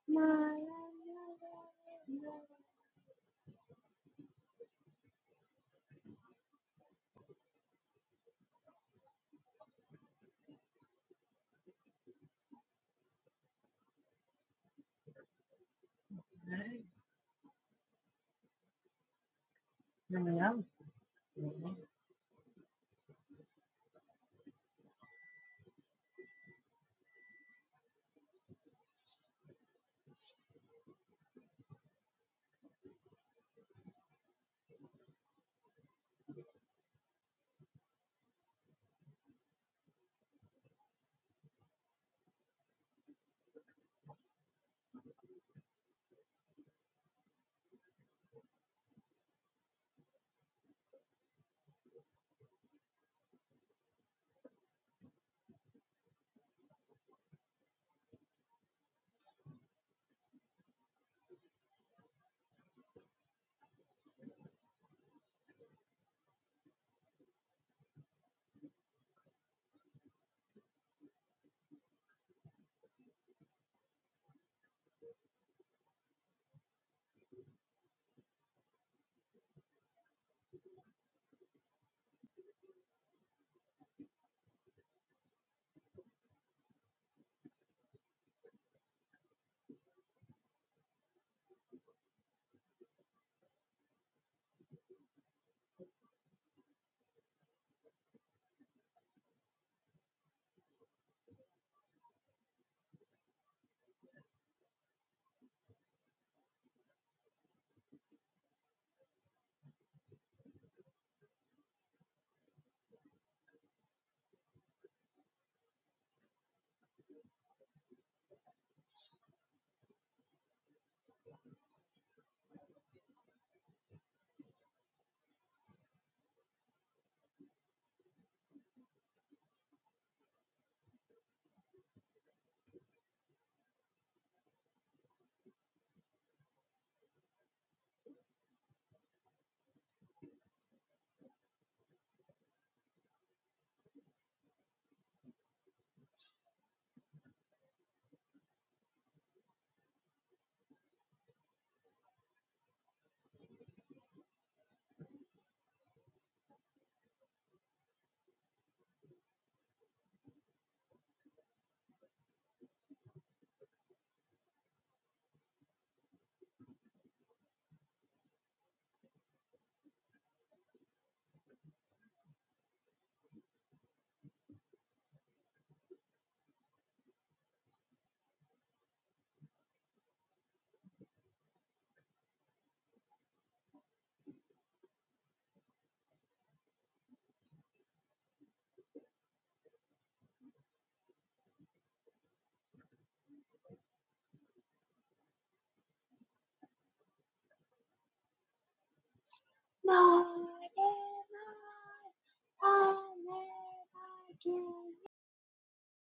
Speaker 1: my than I can